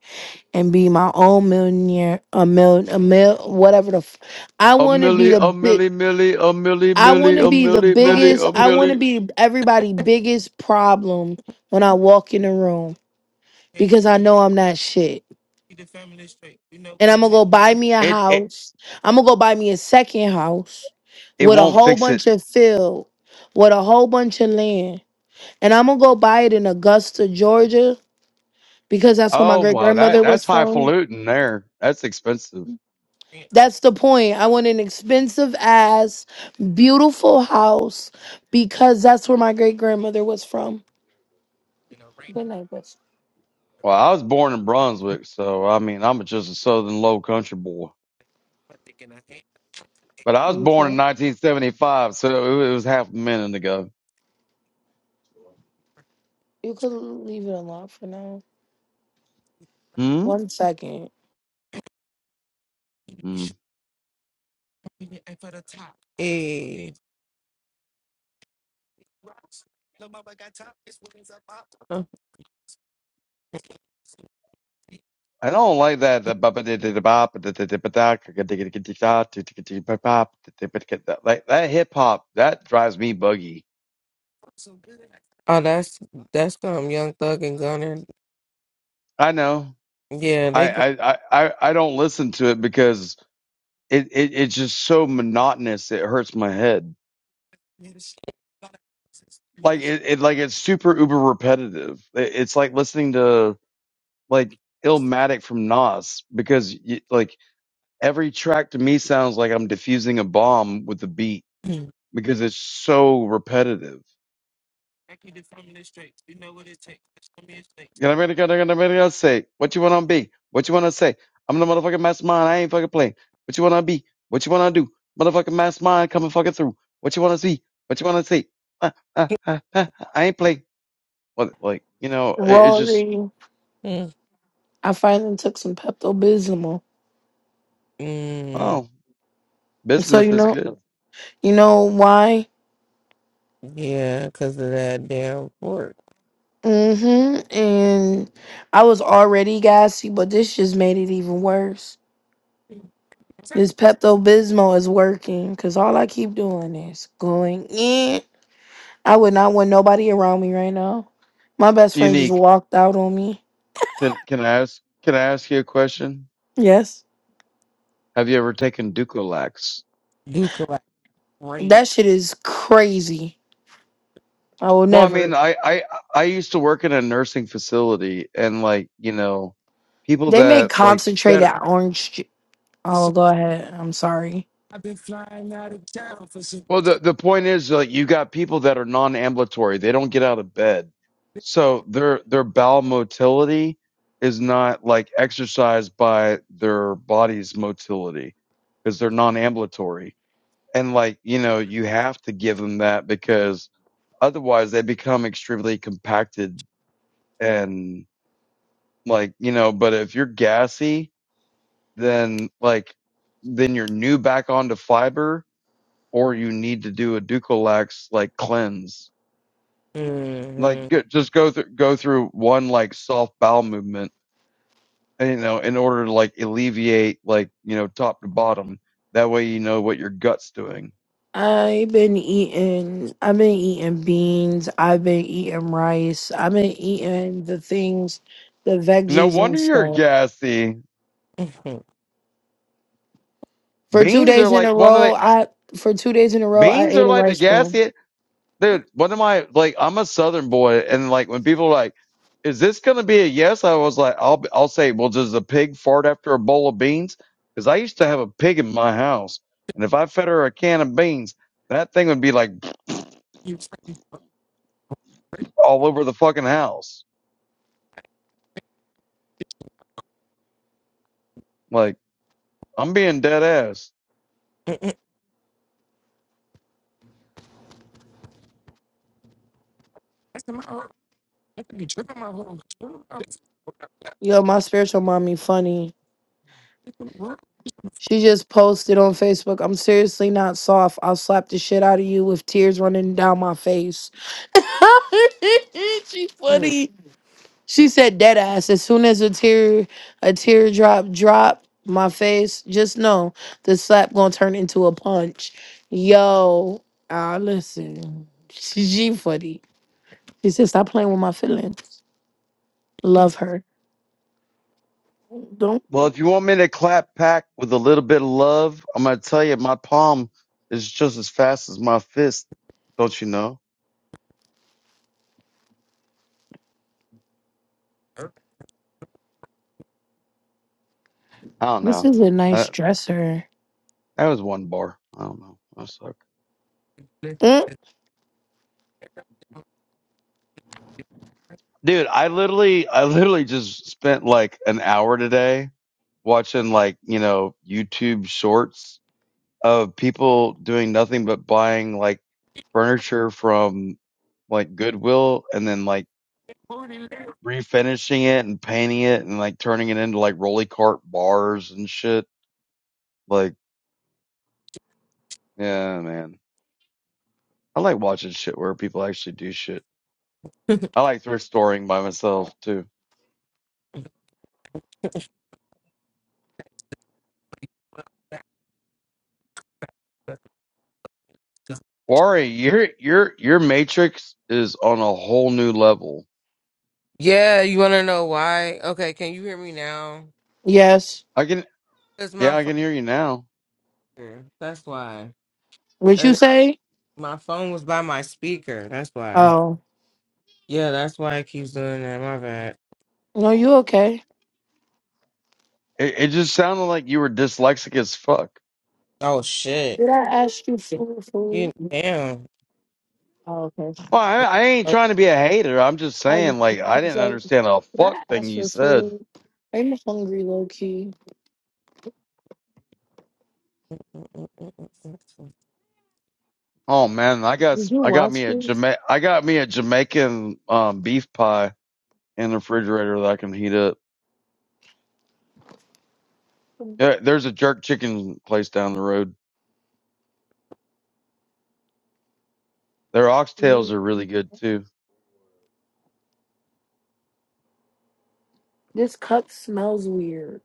S2: and be my own millionaire. A mil, a mil, whatever the. F- I
S3: A
S2: want to be
S3: millie,
S2: the
S3: a
S2: bit.
S3: millie, millie, a millie,
S2: I want
S3: millie,
S2: to
S3: a
S2: be the
S3: millie, millie,
S2: biggest,
S3: a
S2: I want to
S3: millie.
S2: be everybody' biggest problem when I walk in the room because I know I'm not shit. And I'm going to go buy me a
S3: It it
S2: house. I'm going to go buy me a second house
S3: it
S2: with a
S3: won't
S2: whole
S3: fix it.
S2: bunch of field, with a whole bunch of land. And I'm going to go buy it in Augusta, Georgia because that's where my
S3: Oh
S2: great
S3: wow, that
S2: grandmother was
S3: that's
S2: from.
S3: highfalutin there. That's expensive.
S2: That's the point. I want an expensive ass, beautiful house because that's where my great grandmother was from. Good night, bitch.
S3: Well, I was born in Brunswick, so I mean I'm just a southern low country boy. But I
S2: Are
S3: was
S2: you
S3: born in
S2: sure?
S3: 1975, so it was half a minute ago.
S2: You could leave it alone for now.
S3: Hmm?
S2: One second.
S3: Hmm. I don't like that. Like that hip hop, that drives me buggy.
S1: that's that's um Young Thug and Gunner.
S3: I know.
S1: Yeah, they
S3: I,
S1: go.
S3: I, I, I I don't listen to it because it, it, it's just so monotonous. It hurts my head. Like it, it like it's super uber repetitive. It, it's like listening to like Illmatic from Nas because you, like every track to me sounds like I'm diffusing a bomb with the beat because it's so repetitive. You know what I mean? I mean, I say, what you want to be? What you want to say? I'm the motherfucking mastermind. I ain't fucking playing. What you want to be? What you want to do? Motherfucking mastermind coming fucking through. What you want to see? What you want to see? Uh, uh, uh, uh, I ain't playing. What, like, you know, it, it's just,
S2: Rory, I finally took some Pepto Bismol.
S1: Mm,
S3: oh,
S2: So
S3: bismuth
S2: you
S3: is
S2: know,
S3: good.
S2: you know why?
S1: yeah, because of that damn work.
S2: Mm-hmm. And I was already gassy, but this just made it even worse. This Pepto Bismol is working because all I keep doing is going in. I would not want nobody around me right now. My best friend just
S3: Unique.
S2: walked out on me.
S3: Can, can I ask, can I ask you a question?
S2: Yes,
S3: Have you ever taken Ducolax?
S1: Duke like crazy.
S2: that shit is crazy. I will
S3: Well, I
S2: never.
S3: mean, I, I I used to work in a nursing facility, and like you know, people
S2: They make
S3: that like
S2: concentrated
S3: that.
S2: orange. Ju- oh,
S1: So
S2: go ahead. I'm sorry.
S1: I've been flying out of town for some.
S3: Well, the the point is like you got people that are non-ambulatory; they don't get out of bed, so their their bowel motility is not like exercised by their body's motility because they're non-ambulatory, and like you know, you have to give them that because otherwise they become extremely compacted and like you know. But if you're gassy then like then you're new back onto fiber or you need to do a Ducalax like cleanse. Like
S1: Mm-hmm.
S3: good, just go through go through one like soft bowel movement, you know, in order to like alleviate like, you know, top to bottom. That way you know what your gut's doing.
S2: I've been eating. I've been eating beans. I've been eating rice. I've been eating the things, the
S3: No
S2: veggies
S3: wonder
S2: and
S3: you're
S2: stuff.
S3: gassy.
S1: Mhm.
S2: For two
S3: Beans are
S2: days in
S3: like
S2: a
S3: one of
S2: row,
S3: the
S2: I for two days in a row, I
S3: beans
S2: ate
S3: are
S2: a
S3: like the
S2: rice bowl.
S3: gassy. dude, one of my like, I'm a Southern boy, and like when people are like, "Is this gonna be a yes?" I was like, "I'll I'll say, well, does a pig fart after a bowl of beans?" Because I used to have a pig in my house, and if I fed her a can of beans, that thing would be like
S1: you fucking-
S3: all over the fucking house. Like I'm being dead ass.
S1: Mm-mm. That's my heart. I think you tripping my whole
S2: Yo, my spiritual mommy, funny. She just posted on Facebook. I'm seriously not soft. I'll slap the shit out of you with tears running down my face. She's funny. She said dead ass. As soon as a tear a teardrop dropped my face, just know the slap gonna turn into a punch. Yo, ah, listen. She she funny. She said, stop playing with my feelings. Love her. Don't
S3: Well, if you want me to clap back with a little bit of love, I'm gonna tell you my palm is just as fast as my fist. Don't you know? I don't
S2: this
S3: know.
S2: is a
S3: I,
S2: nice dresser.
S3: that was one bar. I don't know. I'm sorry.
S2: Mm,
S3: Dude, I literally, I literally just spent like an hour today watching like, you know, YouTube shorts of people doing nothing but buying like furniture from like Goodwill and then like refinishing it and painting it and like turning it into like rolly cart bars and shit. Like, yeah, man. I like watching shit where people actually do shit. I like thrift storing by myself too. Wari, your your your matrix is on a whole new level.
S1: Yeah, you want to know why? Okay, can you hear me now?
S2: yes.
S3: I can,
S1: It's my
S3: yeah, I can hear you now.
S1: phone. That's why.
S2: What you
S1: And
S2: say?
S1: my phone was by my speaker. That's why.
S2: Oh.
S1: Yeah, that's why it keeps doing that. My bad.
S2: No, you okay.
S3: It, it just sounded like you were dyslexic as fuck.
S1: Oh shit.
S2: Did I ask you for food?
S1: You damn.
S2: Oh, okay.
S3: Well, I, I ain't
S1: Oh,
S3: trying to be a hater. I'm just
S2: I
S3: saying,
S2: just
S3: like,
S2: I
S3: I
S2: was
S3: didn't
S2: like,
S3: understand a
S2: did I
S3: fuck thing
S2: ask
S3: you
S2: for
S3: said.
S2: food? I'm hungry low key.
S1: mm, mm, mm, mm,
S3: Oh man, I got,
S2: Did you
S3: I got
S2: watch
S3: me a
S2: this?
S3: Jama- I got me a Jamaican um, beef pie in the refrigerator that I can heat up. Yeah, there's a jerk chicken place down the road. Their oxtails are really good too.
S2: This cup smells weird.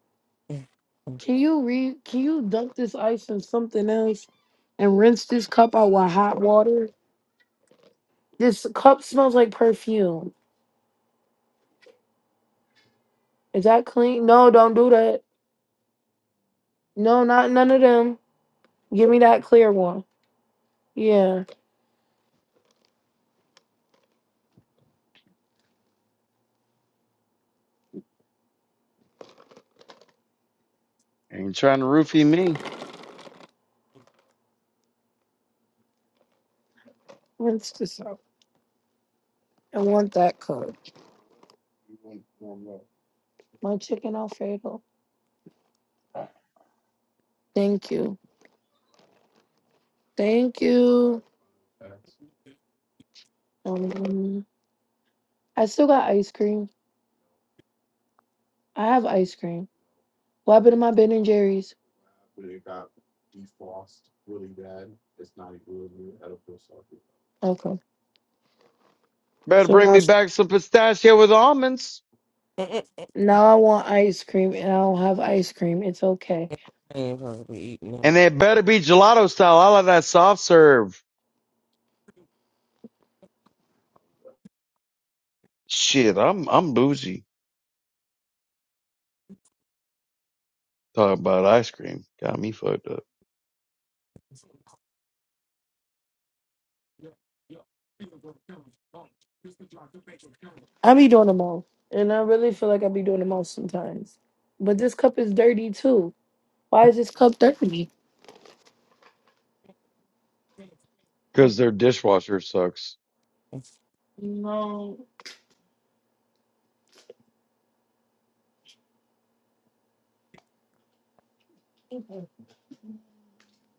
S2: Can you re can you dunk this ice in something else and rinse this cup out with hot water? This cup smells like perfume. Is that clean? No, don't do that. No, not none of them. Give me that clear one. Yeah.
S3: Ain't trying to roofie me.
S2: Rinse this out. I want that cup. My chicken alfredo. Thank you. Thank you. Um, I still got ice cream. I have ice cream. What happened to my Ben and Jerry's? Okay.
S3: Better
S2: So
S3: bring
S2: now,
S3: me back some pistachio with almonds,
S1: mm,
S2: now I want ice cream and I don't have ice cream. It's okay.
S1: mm, mm, mm. I ain't supposed to be eating
S3: and
S1: that.
S3: they better be gelato style. I like that soft serve. Shit, I'm I'm bougie. Talking about ice cream got me fucked up
S1: Too
S2: I be doing them all. And I really feel like I be doing them all sometimes. But this cup is dirty too. Why is this cup dirty?
S3: because their dishwasher sucks.
S2: No.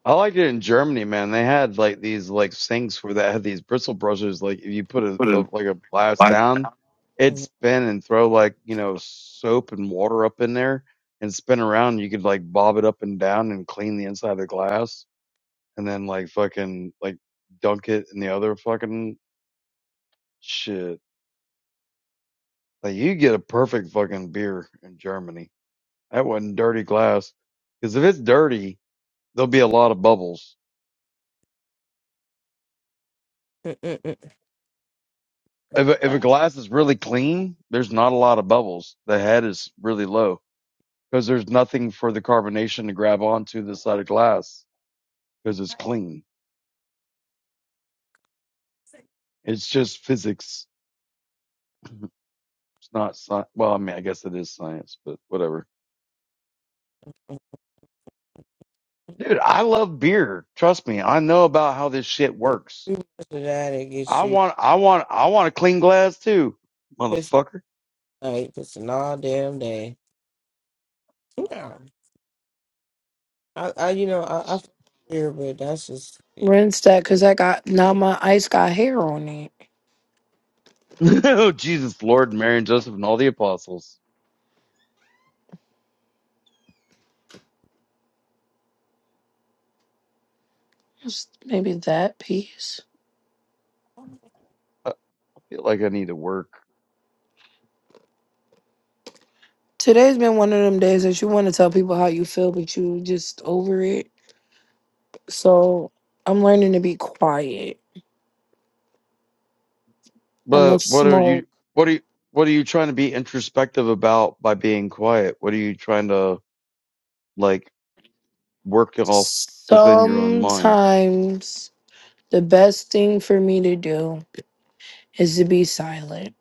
S3: I liked it in Germany, man. They had like these like sinks where that had these bristle brushes. Like if you put a, a like a glass down, it'd spin and throw like you know soap and water up in there and spin around. You could like bob it up and down and clean the inside of the glass, and then like fucking like dunk it in the other fucking shit. Like you get a perfect fucking beer in Germany. That wasn't dirty glass. Because if it's dirty, there'll be a lot of bubbles. If a, if a glass is really clean, there's not a lot of bubbles. The head is really low because there's nothing for the carbonation to grab onto the side of glass because it's clean. It's just physics. It's not science. Well, I mean, I guess it is science, but whatever. Dude, I love beer. Trust me, I know about how this shit works.
S1: much of that it gets
S3: I
S1: you
S3: want, I want, I want a clean glass too,
S1: pissing
S3: motherfucker.
S1: like pissing all damn day. Yeah. I, I you know, I, I feel here but that's just yeah.
S2: Rinse that because I got, now my ice got hair on it.
S3: oh, Jesus, Lord, Mary, and Joseph, and all the apostles.
S2: Just Maybe that piece.
S3: I feel like I need to work.
S2: Today's been one of them days that you want to tell people how you feel, but you just over it. So I'm learning to be quiet. I'm going to
S3: But what are
S2: smoke.
S3: you? What are you? What are you trying to be introspective about by being quiet? What are you trying to like work it off within your own mind?
S2: Sometimes the best thing for me to do is to be silent.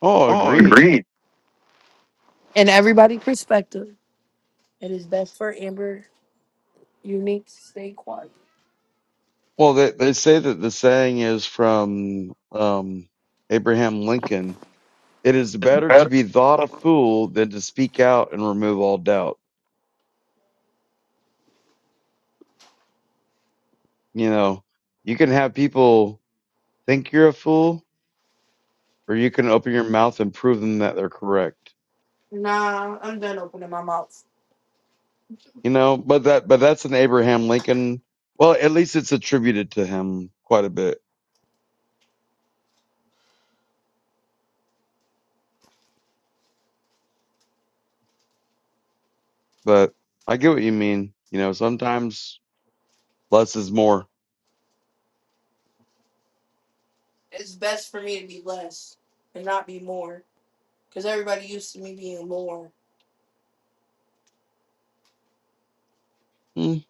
S3: Oh,
S2: Oh,
S3: agreed.
S2: agreed. In everybody's perspective, it is best for Amber Unique to stay quiet.
S3: Well, they they say that the saying is from um, Abraham Lincoln. It is better to
S2: Better.
S3: be thought a fool than to speak out and remove all doubt. You know, you can have people think you're a fool, or you can open your mouth and prove them that they're correct.
S2: Nah, I'm done opening my mouth.
S3: You know, but that but that's an Abraham Lincoln. Well, at least it's attributed to him quite a bit. But I get what you mean. You know, sometimes less is more.
S2: It's best for me to be less and not be more. Because everybody used to me being more.
S3: mm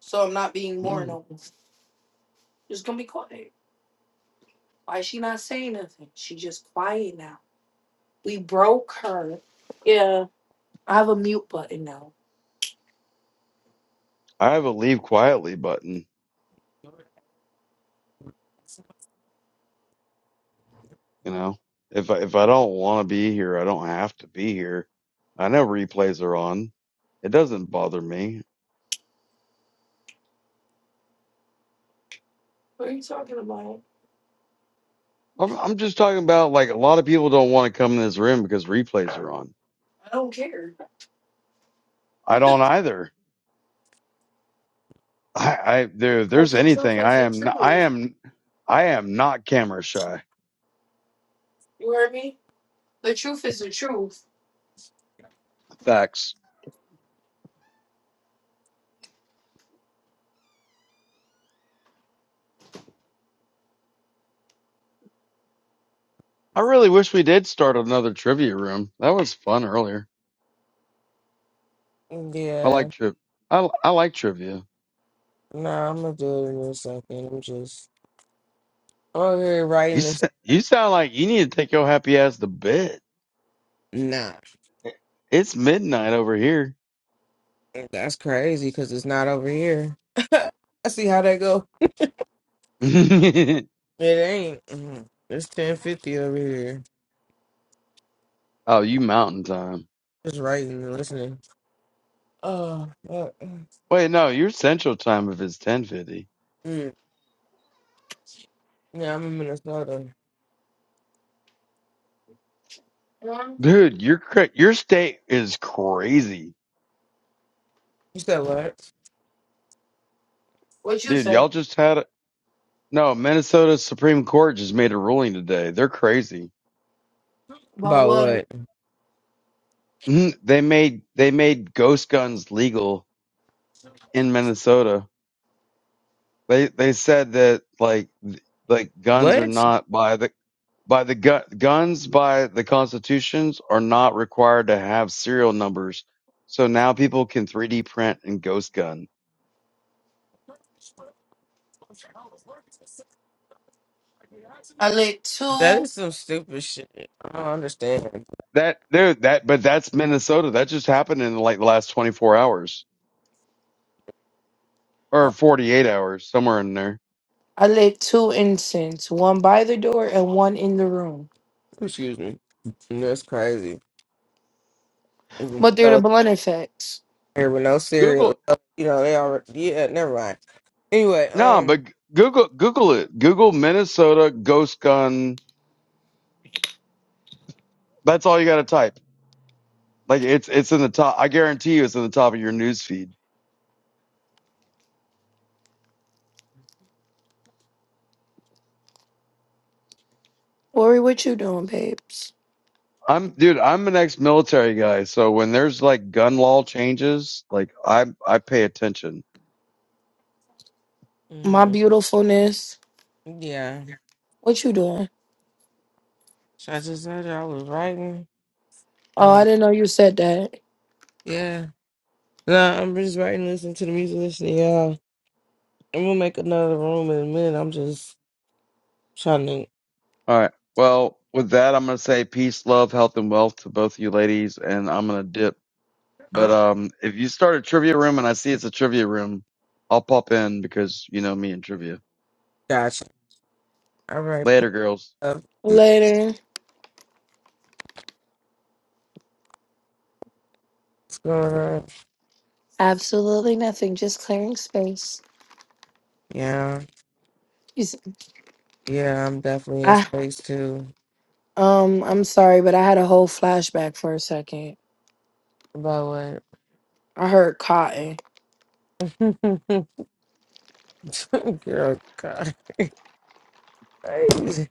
S2: So I'm not being more
S3: mm.
S2: no more. Just gonna be quiet. Why is she not saying nothing? She just quiet now. We broke her. Yeah. I have a mute button now.
S3: I have a leave quietly button. You know, if I, if I don't want to be here, I don't have to be here. I know replays are on. It doesn't bother me.
S2: What are you talking about?
S3: I'm, I'm just talking about like a lot of people don't want to come in this room because replays are on.
S2: I don't care.
S3: I don't either I, I there if
S2: Because
S3: there's
S2: the truth
S3: anything
S2: is
S3: I
S2: the
S3: am n- I
S2: truth.
S3: am I am not camera shy.
S2: You heard me? The truth is the truth.
S3: Facts. I really wish we did start another trivia room. That was fun earlier. I
S1: Yeah.
S3: like tri I I like trivia.
S1: Nah, I'm gonna do it in a second. I'm just over here
S3: You
S1: writing
S3: s-
S1: this
S3: you sound like you need to take your happy ass to bed.
S1: nah.
S3: It's midnight over here.
S1: That's crazy because it's not over here. I see how that go. It ain't. Mhm. It's ten fifty over here.
S3: oh, you mountain time.
S1: Just writing and listening. Oh, fuck.
S3: Wait, no, your central time if it's 10:50.
S1: Mm. yeah. I'm in Minnesota.
S2: Hmm?
S3: Dude, your cra- your state is crazy.
S1: You said what?
S2: What you
S3: Dude,
S2: say?
S3: y'all just had No, Minnesota Supreme Court just made a ruling today. They're crazy.
S2: About
S1: About
S2: what?
S1: what?
S3: Mhm. They made they made ghost guns legal in Minnesota. They they said that like th- like guns are
S1: What?
S3: not by the by the gu- guns by the constitutions are not required to have serial numbers. So now people can 3D print and ghost gun.
S2: I lit
S1: That
S2: two.
S1: is some stupid shit. I don't understand.
S3: That there that but that's Minnesota. That just happened in like the last 24 hours or
S1: Why-
S3: 48 hours somewhere in there.
S2: I lit two incense, one by the door and one in the room.
S1: Excuse me. That's crazy. Mhm.
S2: But they're the
S1: So
S2: blunt effects.
S1: here with no
S3: Google.
S1: cereal, Oh, you know they already. Yeah, never mind. Anyway,
S3: No,
S1: um.
S3: but Google Google it. Google Minnesota ghost gun. That's all you got to type. Like it's it's in the top. I guarantee you, it's in the top of your news feed.
S2: Lori, what you doing, babes?
S3: I'm dude. I'm an ex military guy, so when there's like gun law changes, like I I pay attention.
S2: My
S1: mm-hmm.
S2: beautifulness.
S1: Yeah.
S2: What you doing?
S1: So I just told you I was writing. I
S2: Oh,
S1: was,
S2: I didn't know you said that.
S1: yeah. Nah, I'm just writing, listening to the music, listening. to y'all. Yeah. And we'll make another room in a minute. I'm just trying to.
S3: All right. Well, with that, I'm gonna say peace, love, health, and wealth to both of you ladies, and I'm gonna dip. But
S1: Oh,
S3: um, if you start a trivia room and I see it's a trivia room, I'll pop in because you know me and trivia.
S1: gotcha. All right. Peace.
S3: Later, girls.
S1: love. Peace.
S2: Later.
S1: What's going on?
S2: Absolutely nothing. Just clearing space.
S1: Yeah.
S2: You see,
S1: Yeah, I'm definitely in space too.
S2: Um, I'm sorry, but I had a whole flashback for a second.
S1: About
S2: I heard cotton.
S1: what? Girl, God. Crazy.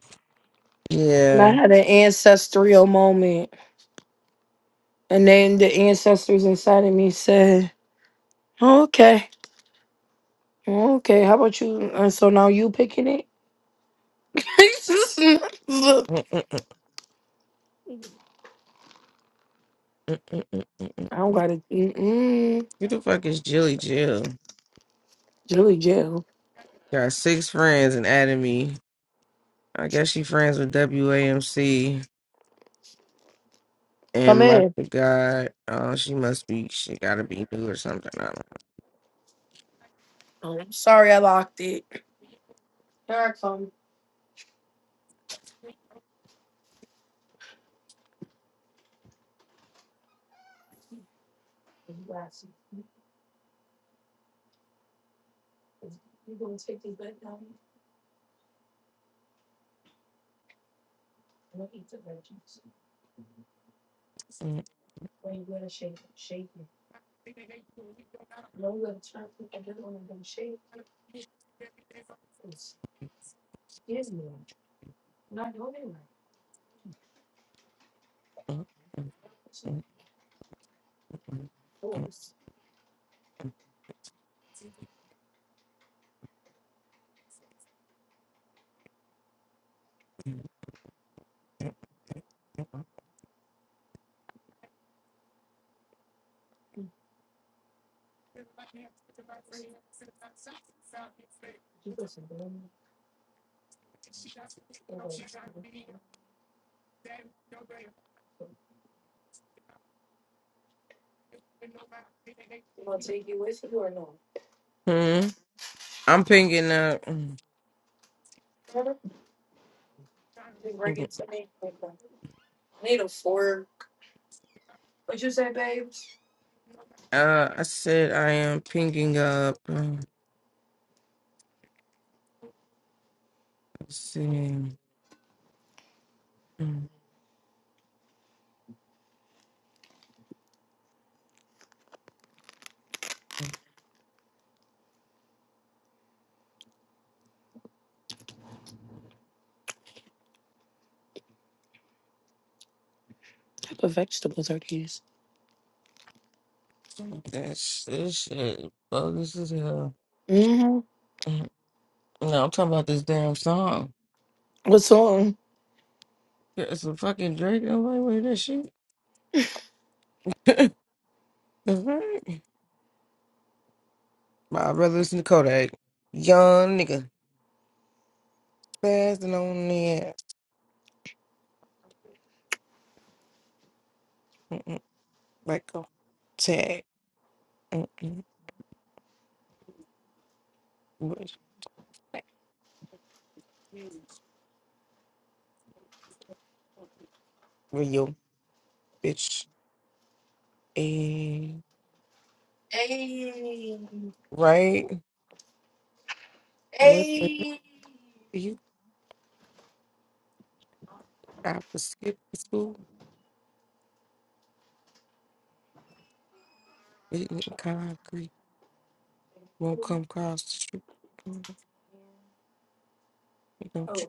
S2: And I
S1: Yeah.
S2: had an ancestral moment. And then the ancestors inside of me said, Okay, okay, how about you? And so now you picking it? Look,
S1: Mm-mm-mm-mm-mm-mm-mm.
S2: I don't gotta mm-mm.
S1: Who the fuck is Jilly Jill?
S2: Julie Jill.
S1: Got six friends and added me. I guess she friends with WAMC
S2: Come
S1: and Mark
S2: in.
S1: the God. Oh, she must be. She gotta be new or something. I
S2: Oh, I'm sorry I locked it. Here I come. You go
S1: don't.
S2: and shake it. You gonna take it with you or no?
S1: know. Hmm. I'm pinging up.
S2: Just bring it to me. Need a fork. What'd you say, babes?
S1: Uh, I said I am pinging up. Um, Let's see. Um,
S2: What type of vegetables are these?
S1: That sh- this shit bogus as hell.
S2: Mm-hmm.
S1: Um, No, I'm talking about this damn song.
S2: What's on?
S1: Yeah, It's a fucking Drake. I'm like, wait, that shit. The fuck? My brother listen to Kodak. Young nigga, fast and on the ass. Let go. Tag. Mm-mm. Where's- Where your bitch? And
S2: Hey,
S1: right? What the hell
S2: hey.
S1: do you? I was skipping school. eating Concrete won't come across the street. Mm,
S2: Okay,
S1: Don't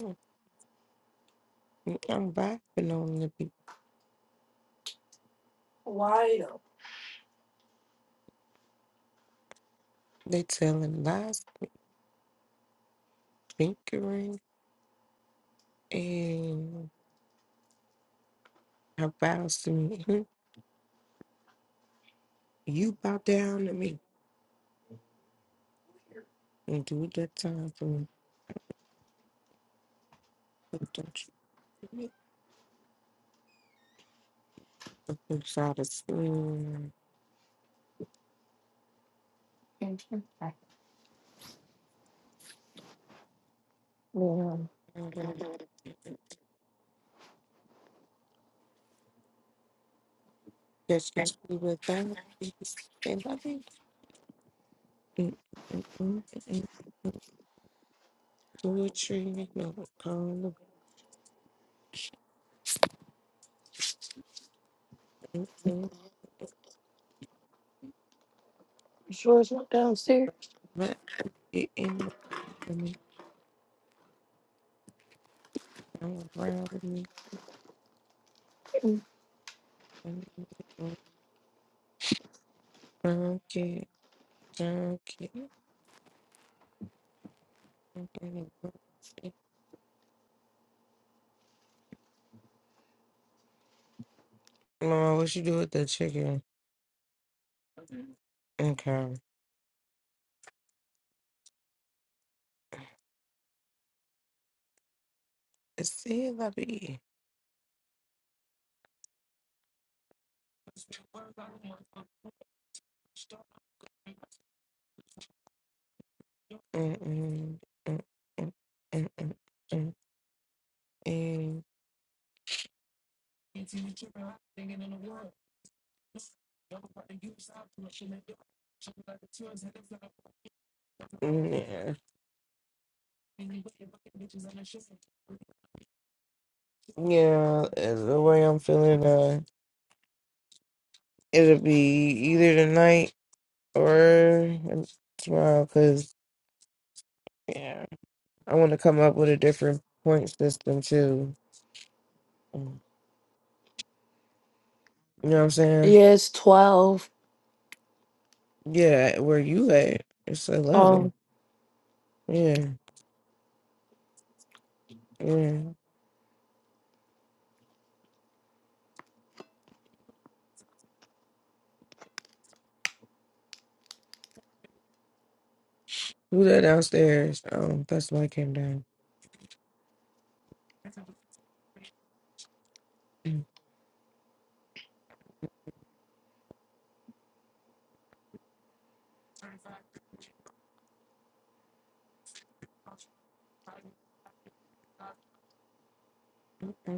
S1: you? Mm, I'm vibing on the beat.
S2: why though?
S1: They telling lies, fingering, and how vows to me. Mhm. You bow down to me and do that time for me. But don't you? Look inside the
S2: Yeah.
S1: That should be without peace and loving. Mm, mm, mm, mm, mm. Poetry, no color. Mm, mm,
S2: You sure it's not downstairs?
S1: But it in Let me, come around with me. mm, mm, mm. Junkie, junkie. mm, mm. Mama, what you do with the chicken? Okay. It's see, lovey. Mm-mm, mm-mm, mm-mm, mm-mm. Yeah, yeah. Is the way I'm feeling. Uh, it'll be either tonight or tomorrow. Cause yeah, I want to come up with a different point system too. Mm, You know what I'm saying?
S2: Yeah, it's 12.
S1: Yeah, where you at? It's
S2: Um,
S1: eleven. Yeah, yeah. Who that downstairs? Um, that's why I came down. Hey,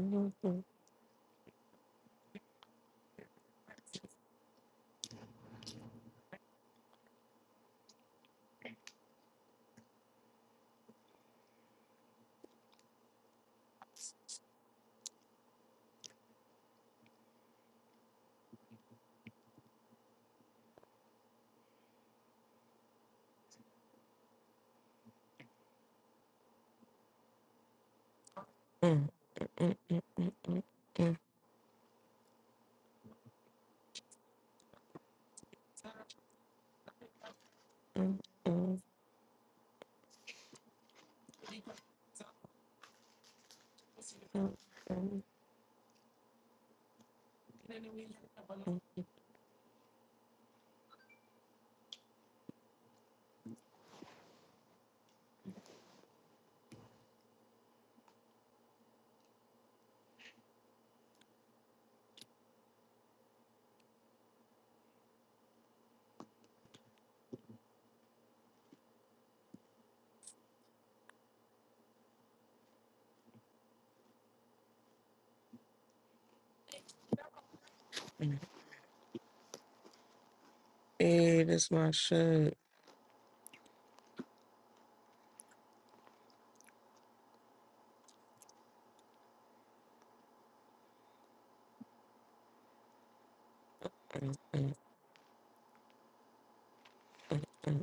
S1: this my shit.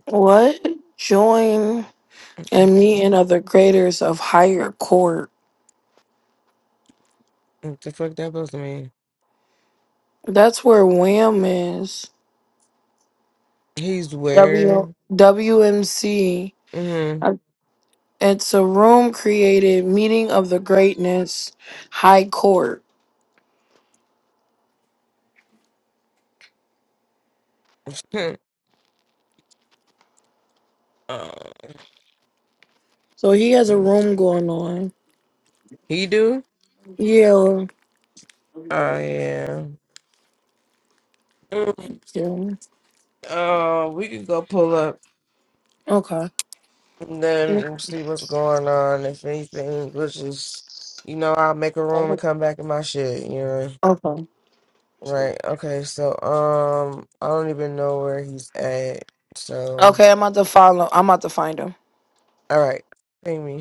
S2: what? Join and meet and other graders of higher court.
S1: What the fuck that supposed to mean?
S2: That's where Wham is.
S1: He's
S2: W
S1: where?
S2: W M C.
S1: Mm-hmm.
S2: It's a room created meeting of the greatness high court.
S1: uh,
S2: So he has a
S1: mm.
S2: room going on.
S1: he do?
S2: Yeah.
S1: Oh yeah. Mm,
S2: yeah.
S1: Uh, we could go pull up
S2: Okay.
S1: and
S2: Mm,
S1: then see what's going on. If anything, let's just you know, I'll make a room and come back in my shit. You know.
S2: Okay.
S1: Right. Okay. So, um, I don't even know where he's at. So,
S2: Okay, I'm about to follow. I'm about to find him.
S1: all right. Ping me.